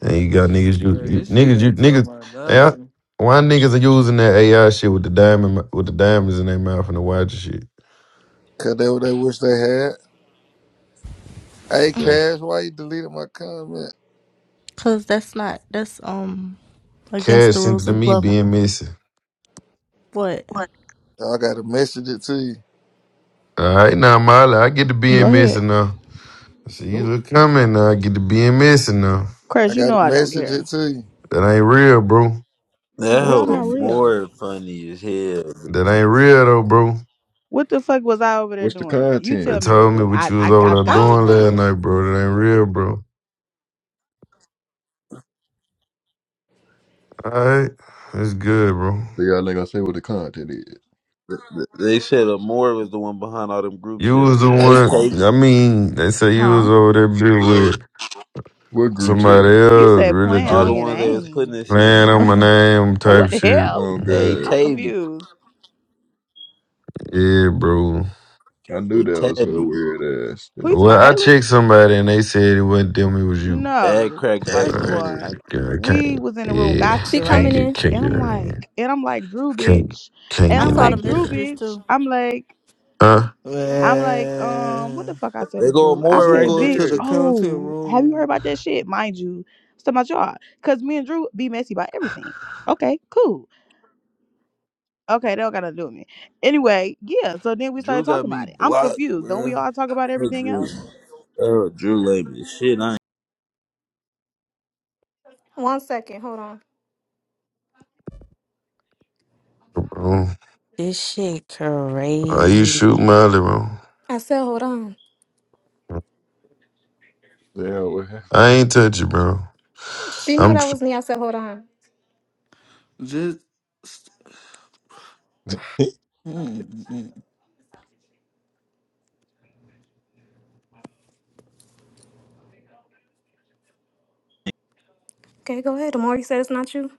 [SPEAKER 7] and you got niggas you,
[SPEAKER 3] Yeah,
[SPEAKER 7] you
[SPEAKER 3] this shit
[SPEAKER 7] niggas you
[SPEAKER 3] ain't talking
[SPEAKER 7] niggas
[SPEAKER 3] about
[SPEAKER 7] yeah
[SPEAKER 3] nothing.
[SPEAKER 7] why niggas are using that AI shit with the diamond with the diamonds in their mouth and the watch and shit.
[SPEAKER 10] Cause that what they wish they had. Hey
[SPEAKER 7] Uh,
[SPEAKER 10] Cash, why you deleted my comment?
[SPEAKER 11] Cause that's not that's um against
[SPEAKER 7] Cash
[SPEAKER 11] the
[SPEAKER 7] sent it
[SPEAKER 11] rules
[SPEAKER 7] to
[SPEAKER 11] of
[SPEAKER 7] me
[SPEAKER 11] club.
[SPEAKER 7] being missing.
[SPEAKER 11] What?
[SPEAKER 10] I gotta message it to you.
[SPEAKER 7] All right now, Molly, I get to
[SPEAKER 13] Go
[SPEAKER 7] being
[SPEAKER 13] ahead,
[SPEAKER 7] missing now. See you
[SPEAKER 10] Who?
[SPEAKER 7] look coming now. I get to being missing now.
[SPEAKER 10] I
[SPEAKER 13] Chris. You
[SPEAKER 10] gotta
[SPEAKER 13] know I don't
[SPEAKER 10] message it
[SPEAKER 13] care.
[SPEAKER 10] to
[SPEAKER 7] That ain't real, bro.
[SPEAKER 2] That
[SPEAKER 11] What I
[SPEAKER 13] What's
[SPEAKER 2] hoe are
[SPEAKER 13] not
[SPEAKER 11] messaged?
[SPEAKER 13] real?
[SPEAKER 2] more funny as hell.
[SPEAKER 7] That ain't real though, bro.
[SPEAKER 13] What the fuck was I over there
[SPEAKER 1] What's the
[SPEAKER 13] doing? You
[SPEAKER 7] They
[SPEAKER 13] tell
[SPEAKER 1] content?
[SPEAKER 13] me real
[SPEAKER 7] told me
[SPEAKER 13] quick.
[SPEAKER 7] what
[SPEAKER 13] I
[SPEAKER 7] you was
[SPEAKER 13] I
[SPEAKER 7] over
[SPEAKER 13] I've
[SPEAKER 7] there
[SPEAKER 13] got
[SPEAKER 11] I
[SPEAKER 13] to
[SPEAKER 11] don't
[SPEAKER 7] doing
[SPEAKER 13] hear
[SPEAKER 7] last
[SPEAKER 11] know.
[SPEAKER 7] night,
[SPEAKER 13] this.
[SPEAKER 7] bro. That ain't real, bro. All right, it's good, bro.
[SPEAKER 1] They got like I say what the content is.
[SPEAKER 2] Th- th- They said Amore was the one behind all them group
[SPEAKER 7] You was
[SPEAKER 2] chats.
[SPEAKER 7] the
[SPEAKER 2] Hey,
[SPEAKER 7] one.
[SPEAKER 2] K
[SPEAKER 7] I mean, they say you was
[SPEAKER 13] Huh?
[SPEAKER 7] over there bitch
[SPEAKER 10] you.
[SPEAKER 7] with
[SPEAKER 1] What group
[SPEAKER 7] somebody
[SPEAKER 1] chat?
[SPEAKER 13] You
[SPEAKER 7] else,
[SPEAKER 13] said
[SPEAKER 7] really
[SPEAKER 13] playing
[SPEAKER 2] All
[SPEAKER 7] just
[SPEAKER 13] on
[SPEAKER 2] the
[SPEAKER 13] your
[SPEAKER 2] ones they was
[SPEAKER 13] name.
[SPEAKER 2] putting this in.
[SPEAKER 7] playing on my name type
[SPEAKER 13] what the
[SPEAKER 7] shit.
[SPEAKER 13] hell?
[SPEAKER 1] Oh
[SPEAKER 2] Hey,
[SPEAKER 1] god.
[SPEAKER 13] I'm
[SPEAKER 2] Tavy.
[SPEAKER 13] confused.
[SPEAKER 7] Yeah, bro.
[SPEAKER 1] I knew
[SPEAKER 2] Or
[SPEAKER 1] that was her
[SPEAKER 2] Tabby.
[SPEAKER 1] weird ass.
[SPEAKER 13] Who you talking
[SPEAKER 7] Well,
[SPEAKER 13] about,
[SPEAKER 7] I
[SPEAKER 13] Haley?
[SPEAKER 7] checked somebody and they said it wasn't them. It was you.
[SPEAKER 2] Add
[SPEAKER 13] No.
[SPEAKER 2] crack back
[SPEAKER 13] First of
[SPEAKER 7] Uh,
[SPEAKER 2] on her.
[SPEAKER 13] all,
[SPEAKER 7] yeah, I
[SPEAKER 13] we
[SPEAKER 7] can't.
[SPEAKER 13] was in the room
[SPEAKER 7] Yeah,
[SPEAKER 8] She
[SPEAKER 13] gossiping,
[SPEAKER 7] can't
[SPEAKER 13] right?
[SPEAKER 8] coming
[SPEAKER 7] get
[SPEAKER 8] in.
[SPEAKER 7] can't
[SPEAKER 13] And
[SPEAKER 7] get
[SPEAKER 13] I'm
[SPEAKER 7] in here.
[SPEAKER 13] like, and I'm like, Drew,
[SPEAKER 7] Can't
[SPEAKER 13] bitch.
[SPEAKER 7] can't
[SPEAKER 13] And
[SPEAKER 11] I
[SPEAKER 13] I'm
[SPEAKER 7] get no
[SPEAKER 11] saw
[SPEAKER 13] like,
[SPEAKER 11] the
[SPEAKER 13] Drew,
[SPEAKER 7] different.
[SPEAKER 11] messages
[SPEAKER 13] bitch.
[SPEAKER 11] too.
[SPEAKER 13] I'm like,
[SPEAKER 7] Huh,
[SPEAKER 13] I'm like, um, what
[SPEAKER 3] Man.
[SPEAKER 13] the fuck I said
[SPEAKER 2] They
[SPEAKER 13] to
[SPEAKER 2] go
[SPEAKER 13] Drew? I
[SPEAKER 3] As
[SPEAKER 2] more
[SPEAKER 3] we
[SPEAKER 2] right
[SPEAKER 13] said,
[SPEAKER 3] go to
[SPEAKER 13] bitch,
[SPEAKER 3] the
[SPEAKER 2] there.
[SPEAKER 3] content
[SPEAKER 13] oh, have you heard
[SPEAKER 3] room,
[SPEAKER 13] about that shit? Mind you, it's talking about y'all. Cause me and Drew be messy about everything. Okay, cool. Okay, they don't gotta do with me. Anyway, yeah. So then we
[SPEAKER 2] Drew
[SPEAKER 13] started
[SPEAKER 2] got
[SPEAKER 13] talking
[SPEAKER 2] me
[SPEAKER 13] about it. I'm
[SPEAKER 2] blocked,
[SPEAKER 13] confused. Don't we
[SPEAKER 2] bruh.
[SPEAKER 13] all talk about
[SPEAKER 2] Fuck
[SPEAKER 13] everything
[SPEAKER 2] Drew.
[SPEAKER 13] else?
[SPEAKER 2] Oh, Drew lame as shit. I ain't.
[SPEAKER 8] One second. Hold on.
[SPEAKER 7] bro?
[SPEAKER 14] This shit
[SPEAKER 7] Are you
[SPEAKER 14] crazy.
[SPEAKER 7] shooting Molly, bro?
[SPEAKER 8] I said, hold on.
[SPEAKER 1] Damn what happened.
[SPEAKER 7] I ain't touch it, bro.
[SPEAKER 8] She knew
[SPEAKER 7] I'm.
[SPEAKER 8] that
[SPEAKER 7] tr-
[SPEAKER 8] was me. I said, hold on.
[SPEAKER 3] just mm, mm.
[SPEAKER 8] Okay, go ahead. The more you said it's not you.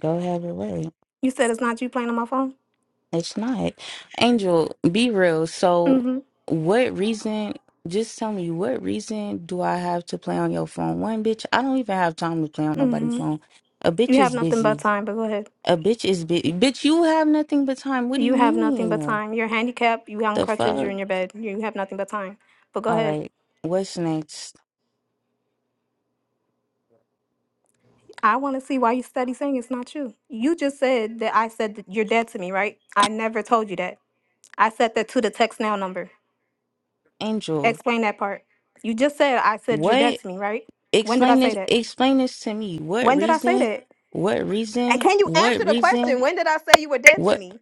[SPEAKER 14] Go have your way.
[SPEAKER 8] You said it's not you playing on my phone.
[SPEAKER 14] It's not. Angel, be real. So,
[SPEAKER 8] Mm-hmm.
[SPEAKER 14] what reason? Just tell me, what reason do I have to play on your phone? One, bitch, I don't even have time to play on nobody's
[SPEAKER 8] Mm-hmm.
[SPEAKER 14] phone. A bitch
[SPEAKER 8] You have
[SPEAKER 14] is
[SPEAKER 8] nothing but
[SPEAKER 14] busy.
[SPEAKER 8] time, but go ahead.
[SPEAKER 14] A bitch is busy. Bitch, you have nothing but time. What do
[SPEAKER 8] You
[SPEAKER 14] you
[SPEAKER 8] have nothing but
[SPEAKER 14] mean?
[SPEAKER 8] time. You're handicapped, you on
[SPEAKER 14] The
[SPEAKER 8] crutches, you're
[SPEAKER 14] fuck?
[SPEAKER 8] in your bed. You have nothing but time. But go
[SPEAKER 14] All
[SPEAKER 8] ahead.
[SPEAKER 14] right. What's next?
[SPEAKER 8] I want to see why you steady saying it's not you. You just said that I said that you're dead to me, right? I never told you that. I said that to the text now number.
[SPEAKER 14] Angel,
[SPEAKER 8] Explain that part. You just said I said you're dead
[SPEAKER 14] what?
[SPEAKER 8] to me, right? When did I
[SPEAKER 14] Explain
[SPEAKER 8] say
[SPEAKER 14] this.
[SPEAKER 8] that?
[SPEAKER 14] Explain this to me. What
[SPEAKER 8] When did I say
[SPEAKER 14] reason?
[SPEAKER 8] that?
[SPEAKER 14] What
[SPEAKER 8] And
[SPEAKER 14] reason?
[SPEAKER 8] can you
[SPEAKER 14] What
[SPEAKER 8] answer the
[SPEAKER 14] reason?
[SPEAKER 8] question? When did I say you were dead to
[SPEAKER 14] What
[SPEAKER 8] me?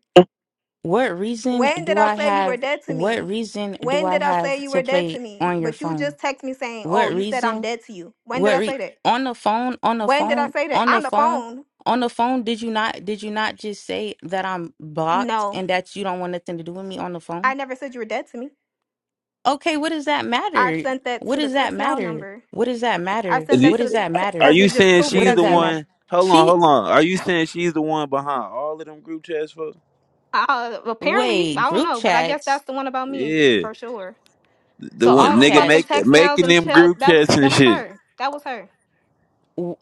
[SPEAKER 14] what reason
[SPEAKER 8] When did
[SPEAKER 14] do
[SPEAKER 8] I
[SPEAKER 14] I
[SPEAKER 8] say you were
[SPEAKER 14] have
[SPEAKER 8] dead to
[SPEAKER 14] what
[SPEAKER 8] me?
[SPEAKER 14] reason do
[SPEAKER 8] When
[SPEAKER 14] I
[SPEAKER 8] did I say
[SPEAKER 14] have
[SPEAKER 8] you
[SPEAKER 14] to
[SPEAKER 8] were dead
[SPEAKER 14] play
[SPEAKER 8] to me?
[SPEAKER 14] on your
[SPEAKER 8] But you
[SPEAKER 14] phone?
[SPEAKER 8] just text me saying, "Oh,
[SPEAKER 14] What
[SPEAKER 8] you said I'm
[SPEAKER 14] reason?
[SPEAKER 8] dead to you." When did
[SPEAKER 14] What
[SPEAKER 8] I
[SPEAKER 14] re
[SPEAKER 8] say that?
[SPEAKER 14] on the phone, on the
[SPEAKER 8] When did I
[SPEAKER 14] phone,
[SPEAKER 8] say that?
[SPEAKER 14] on the
[SPEAKER 8] On the
[SPEAKER 14] phone,
[SPEAKER 8] phone?
[SPEAKER 14] on the phone, did you not did you not just say that I'm blocked
[SPEAKER 8] No,
[SPEAKER 14] and that you don't want nothing to do with me on the
[SPEAKER 8] I
[SPEAKER 14] phone?
[SPEAKER 8] never said you were dead to me.
[SPEAKER 14] Okay, what does that
[SPEAKER 8] I
[SPEAKER 14] matter?
[SPEAKER 8] sent that
[SPEAKER 14] What
[SPEAKER 8] to the
[SPEAKER 14] does that
[SPEAKER 8] text now
[SPEAKER 14] matter?
[SPEAKER 8] number.
[SPEAKER 14] What does that
[SPEAKER 8] I
[SPEAKER 14] matter?
[SPEAKER 2] Is
[SPEAKER 8] sent that
[SPEAKER 14] What
[SPEAKER 2] he-
[SPEAKER 8] to
[SPEAKER 14] does
[SPEAKER 8] the
[SPEAKER 14] that
[SPEAKER 2] Are
[SPEAKER 14] matter?
[SPEAKER 8] because
[SPEAKER 2] you
[SPEAKER 8] it just
[SPEAKER 2] saying
[SPEAKER 8] proved that
[SPEAKER 14] What
[SPEAKER 2] she's
[SPEAKER 14] does
[SPEAKER 2] the
[SPEAKER 8] that's
[SPEAKER 14] that
[SPEAKER 8] you.
[SPEAKER 14] matter?
[SPEAKER 2] one? Hold on,
[SPEAKER 14] She
[SPEAKER 2] hold on. Are you saying she's the one behind all of them group chats, folks?
[SPEAKER 8] Uh, apparently,
[SPEAKER 14] wait,
[SPEAKER 8] I don't
[SPEAKER 14] group
[SPEAKER 8] know, but I guess
[SPEAKER 14] chats,
[SPEAKER 8] that's the one about me
[SPEAKER 2] Yeah,
[SPEAKER 8] for sure.
[SPEAKER 2] the
[SPEAKER 8] So
[SPEAKER 2] one
[SPEAKER 8] all
[SPEAKER 14] group
[SPEAKER 8] them
[SPEAKER 2] nigga
[SPEAKER 8] fucking
[SPEAKER 14] chats.
[SPEAKER 2] make
[SPEAKER 8] text nows,
[SPEAKER 2] making
[SPEAKER 8] them
[SPEAKER 2] them
[SPEAKER 8] chill,
[SPEAKER 2] group
[SPEAKER 8] that was
[SPEAKER 2] chats and
[SPEAKER 8] that was
[SPEAKER 2] shit.
[SPEAKER 8] her. That was her.
[SPEAKER 14] w-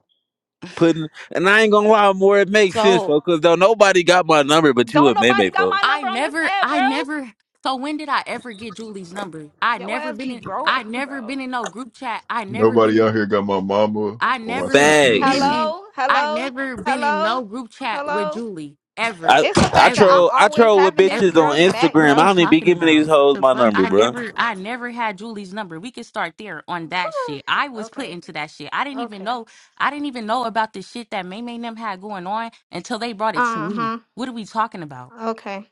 [SPEAKER 2] Putting and I ain't gonna lie, more it makes sense,
[SPEAKER 14] So
[SPEAKER 2] folks. Cause though nobody got my number but you
[SPEAKER 8] Don't
[SPEAKER 2] and
[SPEAKER 8] nobody
[SPEAKER 2] Maymay,
[SPEAKER 8] got my
[SPEAKER 2] folks.
[SPEAKER 14] I
[SPEAKER 8] number on this
[SPEAKER 14] never,
[SPEAKER 8] ad,
[SPEAKER 14] I
[SPEAKER 8] bro.
[SPEAKER 14] never. So when did I ever get Julie's number? I
[SPEAKER 8] Yo
[SPEAKER 14] never
[SPEAKER 8] ass
[SPEAKER 14] been
[SPEAKER 8] be
[SPEAKER 14] in.
[SPEAKER 8] bro,
[SPEAKER 14] I never
[SPEAKER 8] bro.
[SPEAKER 14] been in no group chat. I never been
[SPEAKER 1] Nobody
[SPEAKER 14] in.
[SPEAKER 1] out here got my mama
[SPEAKER 14] I
[SPEAKER 1] or my
[SPEAKER 14] never
[SPEAKER 1] sister number
[SPEAKER 2] Fags.
[SPEAKER 14] been
[SPEAKER 1] either.
[SPEAKER 14] in.
[SPEAKER 8] Hello,
[SPEAKER 14] I
[SPEAKER 8] hello,
[SPEAKER 14] never been in
[SPEAKER 8] hello,
[SPEAKER 14] no group chat with
[SPEAKER 8] hello.
[SPEAKER 14] Julie ever,
[SPEAKER 2] I
[SPEAKER 8] It's the
[SPEAKER 2] I
[SPEAKER 8] fact that I'm
[SPEAKER 14] ever,
[SPEAKER 2] troll I
[SPEAKER 8] always
[SPEAKER 2] troll with
[SPEAKER 8] having this
[SPEAKER 2] bitches
[SPEAKER 14] ever.
[SPEAKER 2] on
[SPEAKER 8] girl's back,
[SPEAKER 14] What are
[SPEAKER 2] Instagram. I
[SPEAKER 14] we
[SPEAKER 8] bro.
[SPEAKER 2] don't even be
[SPEAKER 14] talking
[SPEAKER 2] giving these
[SPEAKER 14] about?
[SPEAKER 2] hoes
[SPEAKER 14] The
[SPEAKER 2] my
[SPEAKER 14] fuck?
[SPEAKER 2] number,
[SPEAKER 14] I
[SPEAKER 2] bro.
[SPEAKER 14] never, I never had Julie's number. We could start there on that shit. I was put
[SPEAKER 8] okay,
[SPEAKER 14] into that shit. I didn't even
[SPEAKER 8] okay.
[SPEAKER 14] know. I didn't even know about the shit that May May and them had going on until they brought it to
[SPEAKER 8] Uh
[SPEAKER 14] me.
[SPEAKER 8] huh.
[SPEAKER 14] What are we talking about?
[SPEAKER 8] Okay.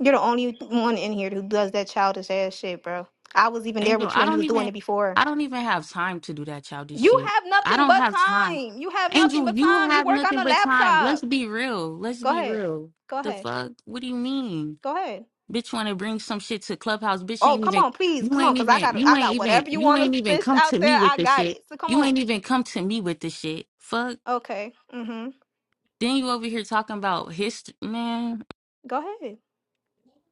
[SPEAKER 8] You're the only one in here who does that childish ass shit, bro. I was even there
[SPEAKER 14] Angel,
[SPEAKER 8] with you
[SPEAKER 14] I
[SPEAKER 8] when you
[SPEAKER 14] don't
[SPEAKER 8] was doing
[SPEAKER 14] even
[SPEAKER 8] it before.
[SPEAKER 14] I don't even have time to do that childish
[SPEAKER 8] You
[SPEAKER 14] shit.
[SPEAKER 8] have
[SPEAKER 14] I
[SPEAKER 8] nothing
[SPEAKER 14] don't
[SPEAKER 8] but
[SPEAKER 14] have time.
[SPEAKER 8] time. You have nothing
[SPEAKER 14] Angel,
[SPEAKER 8] but
[SPEAKER 14] you
[SPEAKER 8] time. You
[SPEAKER 14] have
[SPEAKER 8] work on
[SPEAKER 14] nothing
[SPEAKER 8] a
[SPEAKER 14] but time. Let's
[SPEAKER 8] laptop.
[SPEAKER 14] be real. Let's
[SPEAKER 8] Go
[SPEAKER 14] be
[SPEAKER 8] ahead.
[SPEAKER 14] real.
[SPEAKER 8] Go
[SPEAKER 14] The
[SPEAKER 8] ahead.
[SPEAKER 14] fuck? What do you mean?
[SPEAKER 8] Go ahead.
[SPEAKER 14] Bitch wanna bring some shit to Clubhouse. Bitch
[SPEAKER 8] Oh,
[SPEAKER 14] ain't
[SPEAKER 8] come
[SPEAKER 14] even
[SPEAKER 8] on, please,
[SPEAKER 14] you
[SPEAKER 8] come on,
[SPEAKER 14] ain't
[SPEAKER 8] cause I
[SPEAKER 14] even
[SPEAKER 8] got
[SPEAKER 14] you
[SPEAKER 8] I
[SPEAKER 14] ain't
[SPEAKER 8] got
[SPEAKER 14] even
[SPEAKER 8] whatever you
[SPEAKER 14] you
[SPEAKER 8] want
[SPEAKER 14] ain't
[SPEAKER 8] to
[SPEAKER 14] even
[SPEAKER 8] fish
[SPEAKER 14] come to
[SPEAKER 8] out
[SPEAKER 14] me
[SPEAKER 8] there.
[SPEAKER 14] with
[SPEAKER 8] I
[SPEAKER 14] the
[SPEAKER 8] got
[SPEAKER 14] shit.
[SPEAKER 8] it. So come
[SPEAKER 14] You
[SPEAKER 8] on.
[SPEAKER 14] ain't even come to me with the shit. Fuck.
[SPEAKER 8] Okay. Mhm.
[SPEAKER 14] Then you over here talking about history man.
[SPEAKER 8] Go ahead.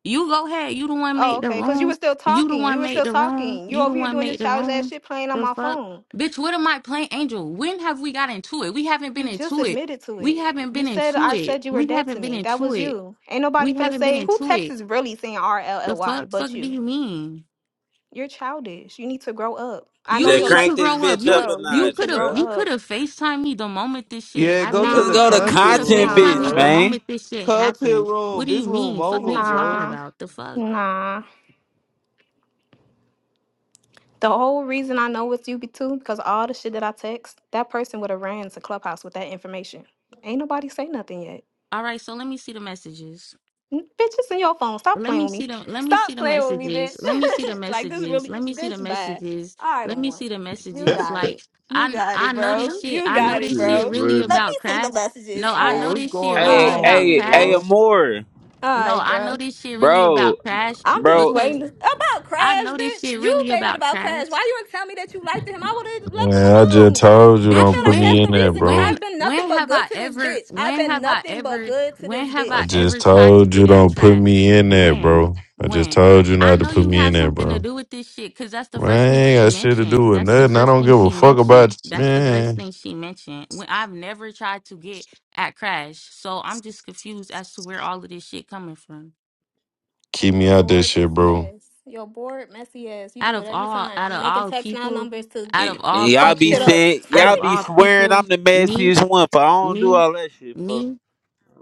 [SPEAKER 14] You go ahead. You the one
[SPEAKER 8] Oh,
[SPEAKER 14] make the
[SPEAKER 8] okay. Because you
[SPEAKER 14] room.
[SPEAKER 8] were still
[SPEAKER 14] You the
[SPEAKER 8] talking. You
[SPEAKER 14] one
[SPEAKER 8] were
[SPEAKER 14] make
[SPEAKER 8] still
[SPEAKER 14] the room.
[SPEAKER 8] talking. You're
[SPEAKER 14] You the
[SPEAKER 8] over here
[SPEAKER 14] one
[SPEAKER 8] doing
[SPEAKER 14] make
[SPEAKER 8] this
[SPEAKER 14] the
[SPEAKER 8] childish ass
[SPEAKER 14] room.
[SPEAKER 8] shit playing on
[SPEAKER 14] The
[SPEAKER 8] my
[SPEAKER 14] fuck,
[SPEAKER 8] phone.
[SPEAKER 14] bitch. What am I playing, Angel? When have we got into it? We haven't been
[SPEAKER 8] You just
[SPEAKER 14] into it.
[SPEAKER 8] admitted to
[SPEAKER 14] We
[SPEAKER 8] it.
[SPEAKER 14] haven't
[SPEAKER 8] You
[SPEAKER 14] been
[SPEAKER 8] said
[SPEAKER 14] into
[SPEAKER 8] I
[SPEAKER 14] it.
[SPEAKER 8] said you were
[SPEAKER 14] We
[SPEAKER 8] dead
[SPEAKER 14] haven't
[SPEAKER 8] to
[SPEAKER 14] been
[SPEAKER 8] me. That
[SPEAKER 14] into
[SPEAKER 8] was
[SPEAKER 14] it.
[SPEAKER 8] you. Ain't nobody
[SPEAKER 14] We
[SPEAKER 8] finna
[SPEAKER 14] haven't been
[SPEAKER 8] say who
[SPEAKER 14] into
[SPEAKER 8] text
[SPEAKER 14] it.
[SPEAKER 8] is really saying R L
[SPEAKER 14] The
[SPEAKER 8] L Y
[SPEAKER 14] fuck, fuck
[SPEAKER 8] but
[SPEAKER 14] do
[SPEAKER 8] you.
[SPEAKER 14] you mean?
[SPEAKER 8] You're childish. You need to grow up. I know
[SPEAKER 14] You
[SPEAKER 2] Said
[SPEAKER 8] you're
[SPEAKER 14] need
[SPEAKER 8] like,
[SPEAKER 2] crank
[SPEAKER 14] to
[SPEAKER 2] this
[SPEAKER 14] grow up.
[SPEAKER 2] bitch
[SPEAKER 14] You
[SPEAKER 2] up
[SPEAKER 14] would-
[SPEAKER 2] a
[SPEAKER 8] bro. You
[SPEAKER 14] you
[SPEAKER 8] need
[SPEAKER 2] notch,
[SPEAKER 8] to
[SPEAKER 14] could have
[SPEAKER 8] grow
[SPEAKER 2] bro.
[SPEAKER 14] you could
[SPEAKER 8] up.
[SPEAKER 14] have Facetime me the moment this shit
[SPEAKER 3] yeah, go to
[SPEAKER 14] happened.
[SPEAKER 2] Let's
[SPEAKER 3] the
[SPEAKER 2] go to
[SPEAKER 8] Nah,
[SPEAKER 14] You could
[SPEAKER 3] content
[SPEAKER 14] have
[SPEAKER 2] content,
[SPEAKER 3] room,
[SPEAKER 14] Facetime me
[SPEAKER 2] bitch,
[SPEAKER 14] the
[SPEAKER 8] nah,
[SPEAKER 3] bro.
[SPEAKER 2] man.
[SPEAKER 14] moment this shit
[SPEAKER 3] Content
[SPEAKER 14] happened. What
[SPEAKER 3] room.
[SPEAKER 14] do
[SPEAKER 3] This
[SPEAKER 14] you
[SPEAKER 3] room
[SPEAKER 14] mean? Fuck, are you
[SPEAKER 3] over, bro.
[SPEAKER 14] talking
[SPEAKER 8] nah,
[SPEAKER 14] about? The fuck.
[SPEAKER 8] nah. The whole reason I know it's you be too because all the shit that I text, that person would have ran to Clubhouse with that information. Ain't nobody say nothing yet.
[SPEAKER 14] All right, so let me see the messages.
[SPEAKER 8] N- Bitch, it's in your phone. Stop
[SPEAKER 14] Let
[SPEAKER 8] playing
[SPEAKER 14] me
[SPEAKER 8] with me.
[SPEAKER 14] see the let me see
[SPEAKER 8] Stop
[SPEAKER 14] the
[SPEAKER 8] playing with me,
[SPEAKER 14] messages.
[SPEAKER 8] bitch.
[SPEAKER 14] Let me see the
[SPEAKER 8] like this
[SPEAKER 14] messages.
[SPEAKER 8] really
[SPEAKER 14] Let me see the
[SPEAKER 8] bitch bad.
[SPEAKER 14] messages.
[SPEAKER 8] All right,
[SPEAKER 14] Let me
[SPEAKER 8] Amor.
[SPEAKER 14] see the
[SPEAKER 8] You
[SPEAKER 14] messages.
[SPEAKER 8] got
[SPEAKER 14] Like
[SPEAKER 8] it. You
[SPEAKER 14] I
[SPEAKER 8] got it,
[SPEAKER 14] I know this
[SPEAKER 8] bro.
[SPEAKER 14] shit.
[SPEAKER 8] You
[SPEAKER 14] I know
[SPEAKER 1] It's
[SPEAKER 8] got it,
[SPEAKER 14] this
[SPEAKER 1] it's
[SPEAKER 14] shit
[SPEAKER 8] bro.
[SPEAKER 14] really
[SPEAKER 1] funny.
[SPEAKER 8] Let me
[SPEAKER 14] about
[SPEAKER 8] see the
[SPEAKER 14] crash.
[SPEAKER 8] messages.
[SPEAKER 14] No,
[SPEAKER 8] All
[SPEAKER 14] I
[SPEAKER 3] Bro,
[SPEAKER 14] know
[SPEAKER 8] right.
[SPEAKER 3] what's
[SPEAKER 14] this shit
[SPEAKER 3] going
[SPEAKER 8] All
[SPEAKER 14] really
[SPEAKER 2] Hey,
[SPEAKER 8] right.
[SPEAKER 14] about
[SPEAKER 3] on,
[SPEAKER 2] hey, hey,
[SPEAKER 3] bro?
[SPEAKER 14] crash.
[SPEAKER 2] Amore,
[SPEAKER 8] All
[SPEAKER 14] No,
[SPEAKER 8] right,
[SPEAKER 14] I know
[SPEAKER 8] bro.
[SPEAKER 14] this shit really
[SPEAKER 2] bro,
[SPEAKER 14] about crash
[SPEAKER 8] I'm just
[SPEAKER 2] bro.
[SPEAKER 14] because
[SPEAKER 8] waiting. to- About
[SPEAKER 14] I
[SPEAKER 8] Crash,
[SPEAKER 14] know this
[SPEAKER 8] bitch.
[SPEAKER 14] shit
[SPEAKER 8] You
[SPEAKER 14] really
[SPEAKER 8] made it
[SPEAKER 14] about
[SPEAKER 8] about Crash.
[SPEAKER 14] crash.
[SPEAKER 8] Why you didn't tell me that you liked him? I would have left him
[SPEAKER 7] Man, I just
[SPEAKER 8] alone.
[SPEAKER 7] told you
[SPEAKER 8] I
[SPEAKER 14] Bitch,
[SPEAKER 7] don't
[SPEAKER 8] feel
[SPEAKER 7] put
[SPEAKER 8] like that's
[SPEAKER 7] me
[SPEAKER 14] when
[SPEAKER 8] the
[SPEAKER 7] in there,
[SPEAKER 8] reason because
[SPEAKER 7] bro.
[SPEAKER 14] when
[SPEAKER 8] I've been nothing
[SPEAKER 14] when
[SPEAKER 8] but
[SPEAKER 14] have I
[SPEAKER 8] good to this
[SPEAKER 14] ever
[SPEAKER 8] bitch. I've
[SPEAKER 14] when
[SPEAKER 8] been
[SPEAKER 14] have I
[SPEAKER 8] nothing but
[SPEAKER 14] ever
[SPEAKER 8] good to
[SPEAKER 14] when
[SPEAKER 8] this
[SPEAKER 14] have
[SPEAKER 7] I
[SPEAKER 14] I
[SPEAKER 8] bitch.
[SPEAKER 7] just
[SPEAKER 14] ever tried to
[SPEAKER 7] told
[SPEAKER 14] get
[SPEAKER 7] you
[SPEAKER 14] at
[SPEAKER 7] don't put me
[SPEAKER 14] trash?
[SPEAKER 7] in there,
[SPEAKER 14] When?
[SPEAKER 7] bro. I just
[SPEAKER 14] When?
[SPEAKER 7] told you
[SPEAKER 14] I
[SPEAKER 7] not to
[SPEAKER 14] know
[SPEAKER 7] put
[SPEAKER 14] you
[SPEAKER 7] me in
[SPEAKER 14] have
[SPEAKER 7] there,
[SPEAKER 14] something to
[SPEAKER 7] bro.
[SPEAKER 14] do with this shit because that's the
[SPEAKER 7] Man, I
[SPEAKER 14] first thing
[SPEAKER 7] ain't
[SPEAKER 14] she
[SPEAKER 7] got shit to
[SPEAKER 14] mentioned.
[SPEAKER 7] do with
[SPEAKER 14] That's the
[SPEAKER 7] nothing. I
[SPEAKER 14] first
[SPEAKER 7] don't
[SPEAKER 14] thing
[SPEAKER 7] give a
[SPEAKER 14] she
[SPEAKER 7] fuck
[SPEAKER 14] mentioned.
[SPEAKER 7] about
[SPEAKER 14] That's the first
[SPEAKER 7] man.
[SPEAKER 14] thing she mentioned. When I've never tried to get at Crash. So I'm just confused as to where all of this shit coming from.
[SPEAKER 8] From
[SPEAKER 7] Keep me
[SPEAKER 8] your
[SPEAKER 7] out that
[SPEAKER 8] bored
[SPEAKER 7] shit,
[SPEAKER 8] messy
[SPEAKER 7] bro.
[SPEAKER 8] ass. Your bored messy ass. You
[SPEAKER 14] Out
[SPEAKER 8] do it
[SPEAKER 14] of
[SPEAKER 8] every
[SPEAKER 14] all out
[SPEAKER 8] time.
[SPEAKER 14] of
[SPEAKER 8] Making
[SPEAKER 14] all
[SPEAKER 8] text now
[SPEAKER 14] people,
[SPEAKER 8] numbers to
[SPEAKER 14] out
[SPEAKER 2] y-
[SPEAKER 14] of all
[SPEAKER 2] Y'all
[SPEAKER 8] fuck
[SPEAKER 2] be
[SPEAKER 8] shit
[SPEAKER 14] people,
[SPEAKER 8] up.
[SPEAKER 2] saying
[SPEAKER 14] out
[SPEAKER 2] y'all
[SPEAKER 14] of
[SPEAKER 2] be
[SPEAKER 14] all
[SPEAKER 2] swearing
[SPEAKER 14] people,
[SPEAKER 2] I'm the
[SPEAKER 14] me,
[SPEAKER 2] messiest one, but I don't do
[SPEAKER 14] me,
[SPEAKER 2] all that shit, for.
[SPEAKER 14] me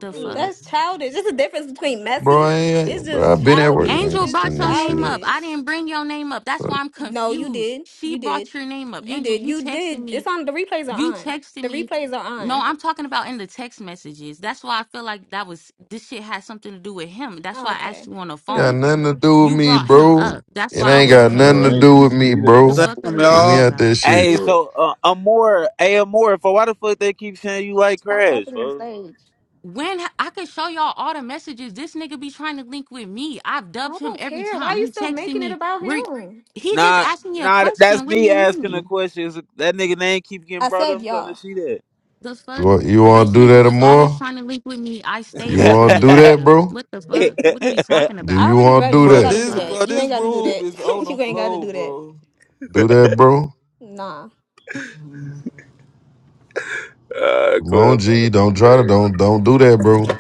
[SPEAKER 14] The
[SPEAKER 8] Mm,
[SPEAKER 14] fuck?
[SPEAKER 8] That's childish. There's a difference between
[SPEAKER 7] Bro,
[SPEAKER 8] messy.
[SPEAKER 7] I
[SPEAKER 8] It's
[SPEAKER 7] ain't, bro, I
[SPEAKER 8] just
[SPEAKER 7] been at work. I
[SPEAKER 8] childish.
[SPEAKER 14] Angel
[SPEAKER 7] ain't still
[SPEAKER 14] brought
[SPEAKER 8] It's
[SPEAKER 14] your
[SPEAKER 7] that
[SPEAKER 14] name
[SPEAKER 7] shit.
[SPEAKER 14] up.
[SPEAKER 8] childish.
[SPEAKER 14] I didn't bring your name up. That's
[SPEAKER 7] Fuck.
[SPEAKER 14] why I'm
[SPEAKER 8] No, you
[SPEAKER 14] confused.
[SPEAKER 8] did.
[SPEAKER 14] She
[SPEAKER 8] You did.
[SPEAKER 14] brought your name up.
[SPEAKER 8] You
[SPEAKER 14] Angel,
[SPEAKER 8] did.
[SPEAKER 14] you
[SPEAKER 8] You
[SPEAKER 14] texted
[SPEAKER 8] did.
[SPEAKER 14] me.
[SPEAKER 8] It's on. The replays
[SPEAKER 14] You
[SPEAKER 8] are on.
[SPEAKER 14] texted
[SPEAKER 8] The
[SPEAKER 14] me.
[SPEAKER 8] replays are
[SPEAKER 14] No,
[SPEAKER 8] on.
[SPEAKER 14] I'm talking about in the text messages. That's why I feel like that was this shit had something to do with him. That's
[SPEAKER 8] Oh,
[SPEAKER 14] why I
[SPEAKER 8] okay.
[SPEAKER 14] asked you on the
[SPEAKER 7] Got
[SPEAKER 14] phone.
[SPEAKER 7] nothing to
[SPEAKER 8] Mm-hmm.
[SPEAKER 7] do with
[SPEAKER 14] You
[SPEAKER 7] me,
[SPEAKER 14] brought him
[SPEAKER 7] bro.
[SPEAKER 14] up. That's
[SPEAKER 7] It
[SPEAKER 14] why I
[SPEAKER 7] ain't
[SPEAKER 14] was
[SPEAKER 7] got nothing
[SPEAKER 8] Mm-hmm.
[SPEAKER 1] Bro,
[SPEAKER 7] to
[SPEAKER 1] I ain't
[SPEAKER 7] do
[SPEAKER 1] even
[SPEAKER 7] with
[SPEAKER 14] confused.
[SPEAKER 7] me,
[SPEAKER 1] see
[SPEAKER 14] The
[SPEAKER 15] Damn,
[SPEAKER 1] that
[SPEAKER 7] bro.
[SPEAKER 14] fuck are we
[SPEAKER 7] Keep me
[SPEAKER 14] talking
[SPEAKER 15] y'all.
[SPEAKER 7] out that
[SPEAKER 14] about?
[SPEAKER 7] shit.
[SPEAKER 2] Hey,
[SPEAKER 1] nigga.
[SPEAKER 2] so uh, Amore, hey Amore, for why the fuck they keep saying you like
[SPEAKER 8] Stop
[SPEAKER 2] Crash,
[SPEAKER 8] opening the
[SPEAKER 2] bro?
[SPEAKER 8] stage.
[SPEAKER 14] When ha- I could show y'all all the messages, this nigga be trying to link with me. I've
[SPEAKER 8] I
[SPEAKER 14] dubbed him
[SPEAKER 8] don't
[SPEAKER 14] every
[SPEAKER 8] care. Why
[SPEAKER 14] time.
[SPEAKER 8] you
[SPEAKER 14] He
[SPEAKER 8] still
[SPEAKER 14] texted
[SPEAKER 8] making it
[SPEAKER 14] me.
[SPEAKER 8] about
[SPEAKER 14] Where
[SPEAKER 8] him?
[SPEAKER 14] he just
[SPEAKER 2] Nah,
[SPEAKER 14] asked me a
[SPEAKER 2] nah,
[SPEAKER 14] question.
[SPEAKER 2] that's
[SPEAKER 14] What do
[SPEAKER 2] me
[SPEAKER 14] you
[SPEAKER 2] asking the
[SPEAKER 14] mean?
[SPEAKER 2] questions. That nigga name keep
[SPEAKER 8] I
[SPEAKER 2] getting brought
[SPEAKER 8] said
[SPEAKER 2] up. I'm trying
[SPEAKER 8] y'all.
[SPEAKER 2] to see that.
[SPEAKER 14] The
[SPEAKER 7] You
[SPEAKER 14] fuck?
[SPEAKER 7] want, you want
[SPEAKER 14] This
[SPEAKER 7] to do
[SPEAKER 14] nigga
[SPEAKER 7] that
[SPEAKER 14] was always
[SPEAKER 7] tomorrow?
[SPEAKER 14] trying to link with me. I stayed
[SPEAKER 7] You
[SPEAKER 14] dubbing
[SPEAKER 7] want to
[SPEAKER 14] this
[SPEAKER 7] do that,
[SPEAKER 14] nigga.
[SPEAKER 7] bro?
[SPEAKER 14] What the fuck? What are we talking
[SPEAKER 7] Do
[SPEAKER 8] I
[SPEAKER 14] about?
[SPEAKER 7] you
[SPEAKER 8] already
[SPEAKER 7] want
[SPEAKER 8] read it.
[SPEAKER 7] to
[SPEAKER 8] You
[SPEAKER 7] do
[SPEAKER 8] ain't
[SPEAKER 3] Bro,
[SPEAKER 14] The
[SPEAKER 7] that?
[SPEAKER 8] gotta do
[SPEAKER 3] this
[SPEAKER 14] fuck?
[SPEAKER 3] bro,
[SPEAKER 8] that. You ain't
[SPEAKER 3] this
[SPEAKER 8] gotta do
[SPEAKER 3] room
[SPEAKER 8] that.
[SPEAKER 3] is on the
[SPEAKER 8] you ain't gotta
[SPEAKER 3] floor,
[SPEAKER 8] do that.
[SPEAKER 3] bro.
[SPEAKER 7] Do that, bro.
[SPEAKER 8] Nah.
[SPEAKER 2] uh,
[SPEAKER 7] Come on,
[SPEAKER 2] Clubhouse
[SPEAKER 7] G.
[SPEAKER 2] is
[SPEAKER 7] Don't try to
[SPEAKER 2] crazy.
[SPEAKER 7] don't don't do that, bro.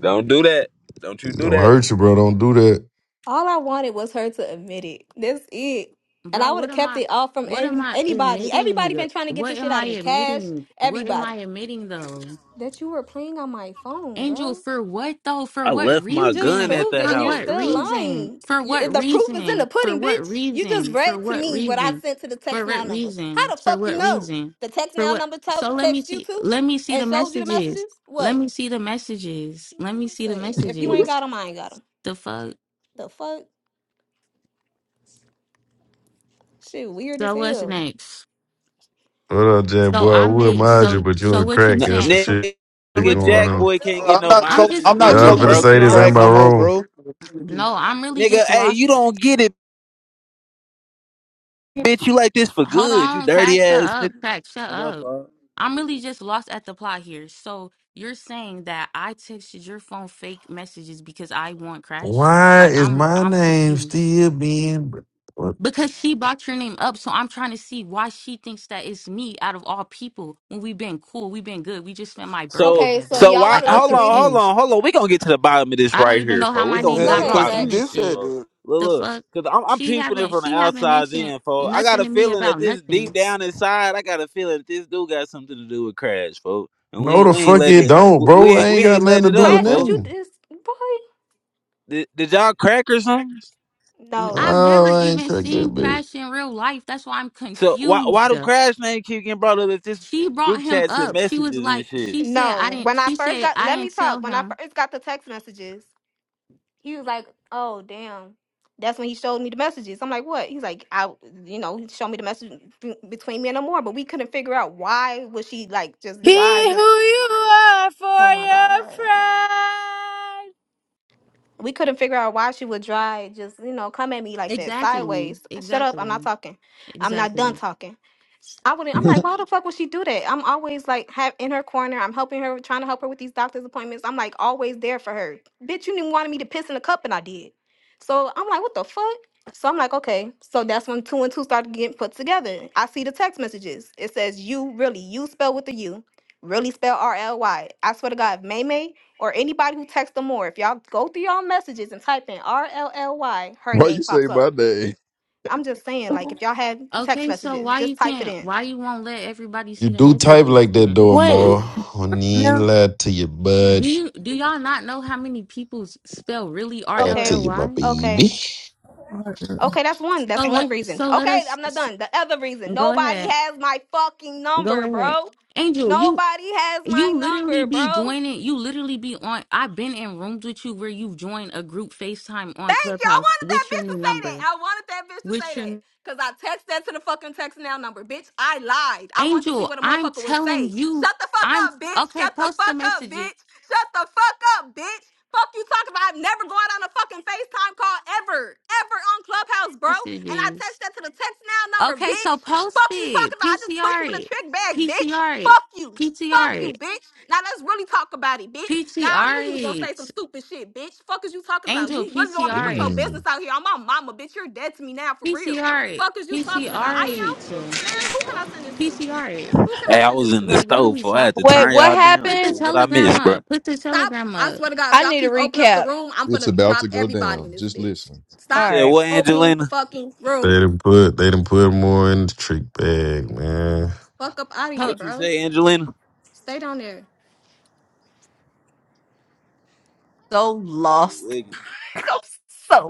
[SPEAKER 2] Don't do that. Don't you
[SPEAKER 7] It's
[SPEAKER 2] do
[SPEAKER 7] gonna
[SPEAKER 2] that.
[SPEAKER 7] hurt you, bro. Don't do that.
[SPEAKER 8] All I wanted was her to admit it. That's it. And I
[SPEAKER 14] Bro,
[SPEAKER 8] would
[SPEAKER 14] what
[SPEAKER 8] have
[SPEAKER 14] am
[SPEAKER 8] kept
[SPEAKER 14] I
[SPEAKER 8] it all from
[SPEAKER 14] what am
[SPEAKER 8] any,
[SPEAKER 14] I
[SPEAKER 8] anybody. Everybody
[SPEAKER 14] admitting?
[SPEAKER 8] been trying to get
[SPEAKER 14] What
[SPEAKER 8] this shit
[SPEAKER 14] am
[SPEAKER 8] out
[SPEAKER 14] I
[SPEAKER 8] of me. Cash.
[SPEAKER 14] admitting? What am I
[SPEAKER 8] Everybody.
[SPEAKER 14] admitting though?
[SPEAKER 8] That you were playing on my phone,
[SPEAKER 14] Angel,
[SPEAKER 8] bro.
[SPEAKER 14] for what though? For
[SPEAKER 2] I
[SPEAKER 14] what
[SPEAKER 2] left
[SPEAKER 8] You
[SPEAKER 2] my
[SPEAKER 8] just
[SPEAKER 2] gun
[SPEAKER 14] reason?
[SPEAKER 2] at
[SPEAKER 8] proved
[SPEAKER 2] the
[SPEAKER 8] it,
[SPEAKER 14] For
[SPEAKER 8] and you're
[SPEAKER 2] house,
[SPEAKER 14] what
[SPEAKER 8] still
[SPEAKER 2] bro.
[SPEAKER 14] reason?
[SPEAKER 8] lying.
[SPEAKER 14] For
[SPEAKER 8] You,
[SPEAKER 14] what
[SPEAKER 8] the proof is in
[SPEAKER 14] reason?
[SPEAKER 8] the
[SPEAKER 14] For
[SPEAKER 8] pudding,
[SPEAKER 14] what
[SPEAKER 8] bitch. You just
[SPEAKER 14] reason? For
[SPEAKER 8] read to
[SPEAKER 14] what
[SPEAKER 8] me what I
[SPEAKER 14] reason?
[SPEAKER 8] sent to the
[SPEAKER 14] For
[SPEAKER 8] text
[SPEAKER 14] what
[SPEAKER 8] now number.
[SPEAKER 14] reason?
[SPEAKER 8] How the
[SPEAKER 14] For
[SPEAKER 8] fuck
[SPEAKER 14] what
[SPEAKER 8] you know?
[SPEAKER 14] reason?
[SPEAKER 8] The text
[SPEAKER 14] For
[SPEAKER 8] now
[SPEAKER 14] what?
[SPEAKER 8] number to-
[SPEAKER 14] So let me
[SPEAKER 8] text you
[SPEAKER 14] see.
[SPEAKER 8] too,
[SPEAKER 14] Let me see
[SPEAKER 8] and
[SPEAKER 14] the
[SPEAKER 8] shows you the
[SPEAKER 14] messages.
[SPEAKER 8] messages.
[SPEAKER 14] Let
[SPEAKER 8] What?
[SPEAKER 14] me see the messages.
[SPEAKER 8] Man,
[SPEAKER 14] Let me see the
[SPEAKER 8] say if you ain't
[SPEAKER 14] messages.
[SPEAKER 8] got them, I ain't got them.
[SPEAKER 14] The fuck.
[SPEAKER 8] The fuck? Shit, weird as
[SPEAKER 14] So what's
[SPEAKER 8] hell.
[SPEAKER 14] next?
[SPEAKER 7] What up, Jan
[SPEAKER 14] So
[SPEAKER 7] boy? I
[SPEAKER 14] I
[SPEAKER 7] would
[SPEAKER 14] made.
[SPEAKER 7] mind you,
[SPEAKER 14] So
[SPEAKER 7] but you
[SPEAKER 14] so
[SPEAKER 7] and
[SPEAKER 14] what you
[SPEAKER 7] Crack got
[SPEAKER 14] saying?
[SPEAKER 7] some
[SPEAKER 2] N-
[SPEAKER 14] So
[SPEAKER 7] shit
[SPEAKER 2] nigga,
[SPEAKER 14] what you?
[SPEAKER 7] going
[SPEAKER 2] Jack
[SPEAKER 7] on.
[SPEAKER 2] boy can't
[SPEAKER 15] Bro,
[SPEAKER 2] get
[SPEAKER 15] I'm
[SPEAKER 2] no
[SPEAKER 15] not
[SPEAKER 14] I'm
[SPEAKER 2] mind in
[SPEAKER 15] struggling.
[SPEAKER 14] just.
[SPEAKER 2] this
[SPEAKER 15] I'm
[SPEAKER 2] bitch.
[SPEAKER 15] not
[SPEAKER 14] I'm
[SPEAKER 7] Now I'm
[SPEAKER 2] His
[SPEAKER 15] struggling
[SPEAKER 14] really
[SPEAKER 7] finna
[SPEAKER 15] with
[SPEAKER 14] just
[SPEAKER 2] broke
[SPEAKER 7] say this, ain't
[SPEAKER 2] ass.
[SPEAKER 15] crack
[SPEAKER 7] my
[SPEAKER 14] lost.
[SPEAKER 15] no more,
[SPEAKER 7] wrong.
[SPEAKER 15] bro.
[SPEAKER 14] No, I'm really
[SPEAKER 2] Nigga,
[SPEAKER 14] just
[SPEAKER 2] hey,
[SPEAKER 14] lost
[SPEAKER 2] you don't get it, bitch. You like this for
[SPEAKER 14] Hold
[SPEAKER 2] good. You
[SPEAKER 14] on, crack,
[SPEAKER 2] dirty
[SPEAKER 14] shut
[SPEAKER 2] ass
[SPEAKER 14] up,
[SPEAKER 2] nigga.
[SPEAKER 14] crack, shut
[SPEAKER 2] No, my
[SPEAKER 14] up.
[SPEAKER 2] fault.
[SPEAKER 14] I'm really just lost at the plot here. So you're saying that I texted your phone fake messages because I want crash?
[SPEAKER 7] Why
[SPEAKER 14] Like
[SPEAKER 7] is
[SPEAKER 14] I'm
[SPEAKER 7] my
[SPEAKER 14] I'm
[SPEAKER 7] name
[SPEAKER 14] confused.
[SPEAKER 7] still being what?
[SPEAKER 14] Because she brought your name up, so I'm trying to see why she thinks that it's me out of all people when we've been cool, we've been good, we just spent my birthday
[SPEAKER 2] So
[SPEAKER 8] Okay, so
[SPEAKER 14] together.
[SPEAKER 2] so
[SPEAKER 8] y'all
[SPEAKER 2] why
[SPEAKER 8] want
[SPEAKER 14] Like
[SPEAKER 8] to
[SPEAKER 14] I'm
[SPEAKER 8] list the
[SPEAKER 2] hold on,
[SPEAKER 8] reasons?
[SPEAKER 2] hold
[SPEAKER 14] confused.
[SPEAKER 2] on, hold on. we gonna get to the bottom of this
[SPEAKER 14] I don't
[SPEAKER 2] right
[SPEAKER 14] even
[SPEAKER 2] here,
[SPEAKER 14] know how
[SPEAKER 2] folks. we
[SPEAKER 14] my
[SPEAKER 2] gonna
[SPEAKER 14] name
[SPEAKER 2] get
[SPEAKER 8] Go
[SPEAKER 2] to
[SPEAKER 3] Man,
[SPEAKER 14] got
[SPEAKER 2] the
[SPEAKER 8] ahead,
[SPEAKER 14] brought
[SPEAKER 3] cause
[SPEAKER 2] bottom
[SPEAKER 14] in
[SPEAKER 8] crack.
[SPEAKER 2] of
[SPEAKER 14] this
[SPEAKER 2] this
[SPEAKER 3] this
[SPEAKER 2] shit,
[SPEAKER 14] shit.
[SPEAKER 3] had
[SPEAKER 2] folks. Look,
[SPEAKER 14] The
[SPEAKER 2] look.
[SPEAKER 14] fuck?
[SPEAKER 2] Cause I'm, I'm
[SPEAKER 14] She
[SPEAKER 2] peeping it
[SPEAKER 14] haven't
[SPEAKER 2] from the
[SPEAKER 14] she haven't
[SPEAKER 2] outside
[SPEAKER 14] mentioned
[SPEAKER 2] in, folks. I got
[SPEAKER 14] nothing
[SPEAKER 2] a
[SPEAKER 14] to me
[SPEAKER 2] feeling that
[SPEAKER 14] about
[SPEAKER 2] this
[SPEAKER 14] nothing.
[SPEAKER 2] deep down inside, I got a feeling that this dude got something to do with crash, folks. And we
[SPEAKER 7] No
[SPEAKER 2] ain't
[SPEAKER 7] the
[SPEAKER 2] we ain't
[SPEAKER 7] fuck
[SPEAKER 2] let
[SPEAKER 7] it
[SPEAKER 2] it
[SPEAKER 7] don't,
[SPEAKER 2] we we
[SPEAKER 7] bro. I
[SPEAKER 2] ain't
[SPEAKER 7] ain't
[SPEAKER 2] we
[SPEAKER 7] got
[SPEAKER 2] ain't let
[SPEAKER 7] nothing to
[SPEAKER 2] it
[SPEAKER 7] do
[SPEAKER 2] up,
[SPEAKER 7] with
[SPEAKER 8] Crash, but
[SPEAKER 2] folks.
[SPEAKER 8] you
[SPEAKER 7] nothing.
[SPEAKER 8] just boy.
[SPEAKER 2] Did, did y'all crack or something?
[SPEAKER 14] N-
[SPEAKER 8] No,
[SPEAKER 14] I've never
[SPEAKER 7] Oh, I ain't
[SPEAKER 14] even
[SPEAKER 7] cracked that
[SPEAKER 14] seen
[SPEAKER 7] bitch.
[SPEAKER 14] Crash in real life. That's why I'm
[SPEAKER 2] So why why
[SPEAKER 14] confused.
[SPEAKER 2] do crash name keep getting brought up if this
[SPEAKER 14] She brought
[SPEAKER 2] group
[SPEAKER 14] him
[SPEAKER 2] chats and
[SPEAKER 14] up. She was
[SPEAKER 2] messages and
[SPEAKER 14] like,
[SPEAKER 2] shit?
[SPEAKER 14] she said, I
[SPEAKER 8] no.
[SPEAKER 14] didn't,
[SPEAKER 8] When I
[SPEAKER 14] she
[SPEAKER 8] first
[SPEAKER 14] said,
[SPEAKER 8] got,
[SPEAKER 14] I
[SPEAKER 8] let me
[SPEAKER 14] didn't tell
[SPEAKER 8] talk. When I
[SPEAKER 14] him.
[SPEAKER 8] first got the text messages, he was like, "Oh, damn." That's when he showed me the messages. I'm like, "What?" He's like, "I, you know, he showed me the message be- between me and Amore, but we couldn't figure out why was she like just
[SPEAKER 16] Be
[SPEAKER 8] dry, just
[SPEAKER 16] who you are
[SPEAKER 8] oh
[SPEAKER 16] for
[SPEAKER 8] my
[SPEAKER 16] your
[SPEAKER 8] god."
[SPEAKER 16] pride.
[SPEAKER 8] We couldn't figure out why she would dry, just, you know, come at me like that
[SPEAKER 14] Exactly.
[SPEAKER 8] sideways. Shut up. I'm not
[SPEAKER 14] Exactly.
[SPEAKER 8] talking. I'm not done
[SPEAKER 14] Exactly.
[SPEAKER 8] talking. I wouldn't. I'm like,
[SPEAKER 1] Fuck.
[SPEAKER 8] why the fuck would she do that? I'm always like have in her corner. I'm helping her, trying to help her with these doctor's appointments. I'm like always there for her. Bitch, you didn't want me to piss in a cup, and I did. So I'm like, what the fuck? So I'm like, okay. So that's when two and two started getting put together. I see the text messages. It says you really, you spell with a U, really spell R L Y. I swear to God, if May May or anybody who texts them more, if y'all go through y'all messages and type in R L L Y, her
[SPEAKER 1] Why
[SPEAKER 8] name
[SPEAKER 1] you say
[SPEAKER 8] pops
[SPEAKER 1] my
[SPEAKER 8] up.
[SPEAKER 1] name?
[SPEAKER 8] I'm just saying, like, if y'all have text
[SPEAKER 14] Okay, so
[SPEAKER 8] messages,
[SPEAKER 14] why you
[SPEAKER 8] just type it
[SPEAKER 14] can't,
[SPEAKER 8] in.
[SPEAKER 14] why you won't let everybody
[SPEAKER 7] You
[SPEAKER 14] see the
[SPEAKER 7] do type
[SPEAKER 14] messages
[SPEAKER 7] like that
[SPEAKER 14] then?
[SPEAKER 7] though,
[SPEAKER 11] Wait.
[SPEAKER 7] more. Honey,
[SPEAKER 11] No.
[SPEAKER 7] lie to your
[SPEAKER 14] Do
[SPEAKER 7] bud,
[SPEAKER 14] you, do y'all not know how many people s- spell really R
[SPEAKER 7] lie
[SPEAKER 14] L
[SPEAKER 7] to
[SPEAKER 8] Okay.
[SPEAKER 14] L
[SPEAKER 7] you, my
[SPEAKER 14] Y?
[SPEAKER 8] Okay.
[SPEAKER 7] baby.
[SPEAKER 8] Okay, that's one. That's
[SPEAKER 14] So
[SPEAKER 8] one
[SPEAKER 14] let,
[SPEAKER 8] reason.
[SPEAKER 14] so let
[SPEAKER 8] Okay,
[SPEAKER 14] us,
[SPEAKER 8] I'm not
[SPEAKER 14] s-
[SPEAKER 8] done. The other reason.
[SPEAKER 14] go
[SPEAKER 8] Nobody
[SPEAKER 14] ahead.
[SPEAKER 8] has my fucking
[SPEAKER 14] Go
[SPEAKER 8] number,
[SPEAKER 14] ahead.
[SPEAKER 8] bro.
[SPEAKER 14] Angel, you
[SPEAKER 8] Nobody has my
[SPEAKER 14] You literally
[SPEAKER 8] number,
[SPEAKER 14] be
[SPEAKER 8] bro.
[SPEAKER 14] joining. You literally be on. I've been in rooms with you where you've joined a group FaceTime on
[SPEAKER 8] Thank you. I
[SPEAKER 14] Clubhouse
[SPEAKER 8] wanted that
[SPEAKER 14] with your
[SPEAKER 8] bitch
[SPEAKER 14] new
[SPEAKER 8] to say that.
[SPEAKER 14] number.
[SPEAKER 8] I wanted that bitch to say
[SPEAKER 14] With
[SPEAKER 8] that.
[SPEAKER 14] your
[SPEAKER 8] Cause I text that to the fucking text now number. Bitch, I lied. I want to see
[SPEAKER 14] angel,
[SPEAKER 8] what a
[SPEAKER 14] I'm
[SPEAKER 8] motherfucker would
[SPEAKER 14] telling
[SPEAKER 8] say.
[SPEAKER 14] you,
[SPEAKER 8] Shut the fuck
[SPEAKER 14] I'm
[SPEAKER 8] up, bitch.
[SPEAKER 14] okay.
[SPEAKER 8] Shut the
[SPEAKER 14] Post the
[SPEAKER 8] fuck up,
[SPEAKER 14] messages.
[SPEAKER 8] bitch. Shut the fuck up, bitch. Fuck you talking about. I've never gone on a fucking FaceTime call ever. Ever on Clubhouse, bro. And I text
[SPEAKER 14] Messages.
[SPEAKER 8] that to the text now number,
[SPEAKER 14] Okay,
[SPEAKER 8] bitch.
[SPEAKER 14] so post
[SPEAKER 8] Fuck you
[SPEAKER 14] it.
[SPEAKER 8] talking about. I just put you in
[SPEAKER 14] PTR
[SPEAKER 8] a
[SPEAKER 14] it.
[SPEAKER 8] trick bag, bitch.
[SPEAKER 14] PTR it.
[SPEAKER 8] Fuck you. Fuck
[SPEAKER 14] PTR
[SPEAKER 8] you,
[SPEAKER 14] it.
[SPEAKER 8] bitch. Now let's really talk about it, bitch. Now I knew you was gonna
[SPEAKER 14] PTR
[SPEAKER 8] say some
[SPEAKER 14] it.
[SPEAKER 8] stupid shit, bitch. Fuck is you talking about? You
[SPEAKER 14] Angel,
[SPEAKER 8] really don't want me to put
[SPEAKER 14] PTR
[SPEAKER 8] your
[SPEAKER 14] it.
[SPEAKER 8] business
[SPEAKER 1] Mm,
[SPEAKER 8] out here. on my mama, bitch. You're dead to me now for real.
[SPEAKER 14] PTR it.
[SPEAKER 8] Fuck is you talking about?
[SPEAKER 14] PTR
[SPEAKER 8] I am.
[SPEAKER 14] it.
[SPEAKER 8] Man, who can I send this to?
[SPEAKER 14] PTR it.
[SPEAKER 8] Who can I
[SPEAKER 2] Hey, I
[SPEAKER 8] send
[SPEAKER 2] was
[SPEAKER 8] this
[SPEAKER 2] in
[SPEAKER 8] to?
[SPEAKER 2] the
[SPEAKER 14] Like, what are
[SPEAKER 2] stove,
[SPEAKER 14] we
[SPEAKER 2] for I had
[SPEAKER 14] talking?
[SPEAKER 2] to
[SPEAKER 17] Wait,
[SPEAKER 2] turn
[SPEAKER 17] what
[SPEAKER 2] y'all down
[SPEAKER 14] Put
[SPEAKER 2] for
[SPEAKER 14] the
[SPEAKER 17] happened?
[SPEAKER 2] what I
[SPEAKER 14] telegram
[SPEAKER 2] missed, bro.
[SPEAKER 14] up. Put the
[SPEAKER 8] Stop.
[SPEAKER 14] telegram
[SPEAKER 8] I
[SPEAKER 14] up.
[SPEAKER 8] swear to God, if
[SPEAKER 17] I
[SPEAKER 8] y'all
[SPEAKER 17] need a
[SPEAKER 8] keep opening up the
[SPEAKER 17] recap.
[SPEAKER 8] room, I'm
[SPEAKER 1] it's
[SPEAKER 8] gonna
[SPEAKER 1] about to
[SPEAKER 8] drop
[SPEAKER 1] go
[SPEAKER 8] everybody in
[SPEAKER 1] down.
[SPEAKER 8] this
[SPEAKER 1] Just
[SPEAKER 8] bitch.
[SPEAKER 1] listen.
[SPEAKER 2] You
[SPEAKER 8] Stop
[SPEAKER 17] All
[SPEAKER 2] said
[SPEAKER 17] right.
[SPEAKER 2] what,
[SPEAKER 8] opening
[SPEAKER 2] Angelina?
[SPEAKER 8] the fucking
[SPEAKER 7] They
[SPEAKER 8] room.
[SPEAKER 7] didn't put they didn't put more in the trick bag, man.
[SPEAKER 8] Fuck up out of here,
[SPEAKER 14] Huh.
[SPEAKER 2] What you
[SPEAKER 8] bro.
[SPEAKER 2] say, Angelina?
[SPEAKER 8] Stay down there.
[SPEAKER 2] Shit, wig.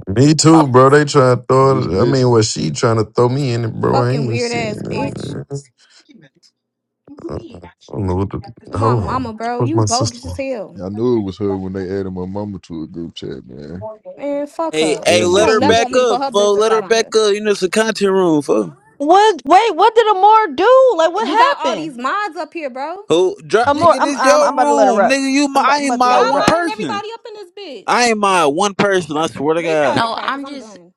[SPEAKER 7] Me too, bro. They trying to
[SPEAKER 1] Just
[SPEAKER 7] throw. I mean,
[SPEAKER 1] listen.
[SPEAKER 7] what she trying to throw me in it, bro? I
[SPEAKER 8] Fucking
[SPEAKER 7] ain't
[SPEAKER 8] weird
[SPEAKER 7] seen.
[SPEAKER 8] ass bitch.
[SPEAKER 7] I don't know what the.
[SPEAKER 8] Come
[SPEAKER 7] Hold
[SPEAKER 8] on,
[SPEAKER 7] on.
[SPEAKER 8] mama, bro.
[SPEAKER 7] Fuck
[SPEAKER 8] You
[SPEAKER 7] my
[SPEAKER 8] bogus
[SPEAKER 7] sister.
[SPEAKER 8] as hell.
[SPEAKER 1] I knew it was her when they added my mama to a group chat, man,
[SPEAKER 8] Man, fuck
[SPEAKER 2] Hey,
[SPEAKER 8] her.
[SPEAKER 2] hey,
[SPEAKER 1] and
[SPEAKER 8] She
[SPEAKER 1] my
[SPEAKER 2] let
[SPEAKER 8] don't
[SPEAKER 2] her
[SPEAKER 8] never want
[SPEAKER 2] back
[SPEAKER 1] sister.
[SPEAKER 8] me to put
[SPEAKER 2] up,
[SPEAKER 8] her
[SPEAKER 2] fo.
[SPEAKER 8] business
[SPEAKER 2] Let her
[SPEAKER 8] out on here.
[SPEAKER 2] back up. You know it's a content room, fo.
[SPEAKER 17] What? Wait, what did Amor do? Like, what
[SPEAKER 8] You got all these
[SPEAKER 17] happened?
[SPEAKER 8] mods up here, bro.
[SPEAKER 2] Who drop,
[SPEAKER 17] Amor,
[SPEAKER 2] nigga?
[SPEAKER 17] I'm
[SPEAKER 2] This
[SPEAKER 17] I'm, I'm
[SPEAKER 2] your
[SPEAKER 17] about to let her
[SPEAKER 2] room,
[SPEAKER 17] up.
[SPEAKER 2] nigga. You my,
[SPEAKER 17] I'm, about-
[SPEAKER 2] I
[SPEAKER 17] I'm
[SPEAKER 2] ain't
[SPEAKER 17] about to
[SPEAKER 2] my
[SPEAKER 8] Y'all
[SPEAKER 17] let her
[SPEAKER 2] one
[SPEAKER 17] up.
[SPEAKER 8] modding
[SPEAKER 2] person.
[SPEAKER 8] everybody up in this
[SPEAKER 2] I
[SPEAKER 8] bitch.
[SPEAKER 2] ain't my one person. I swear to
[SPEAKER 8] Restart
[SPEAKER 2] God.
[SPEAKER 8] it,
[SPEAKER 14] No,
[SPEAKER 8] crack, cause
[SPEAKER 14] I'm
[SPEAKER 8] I'm
[SPEAKER 14] just
[SPEAKER 8] done.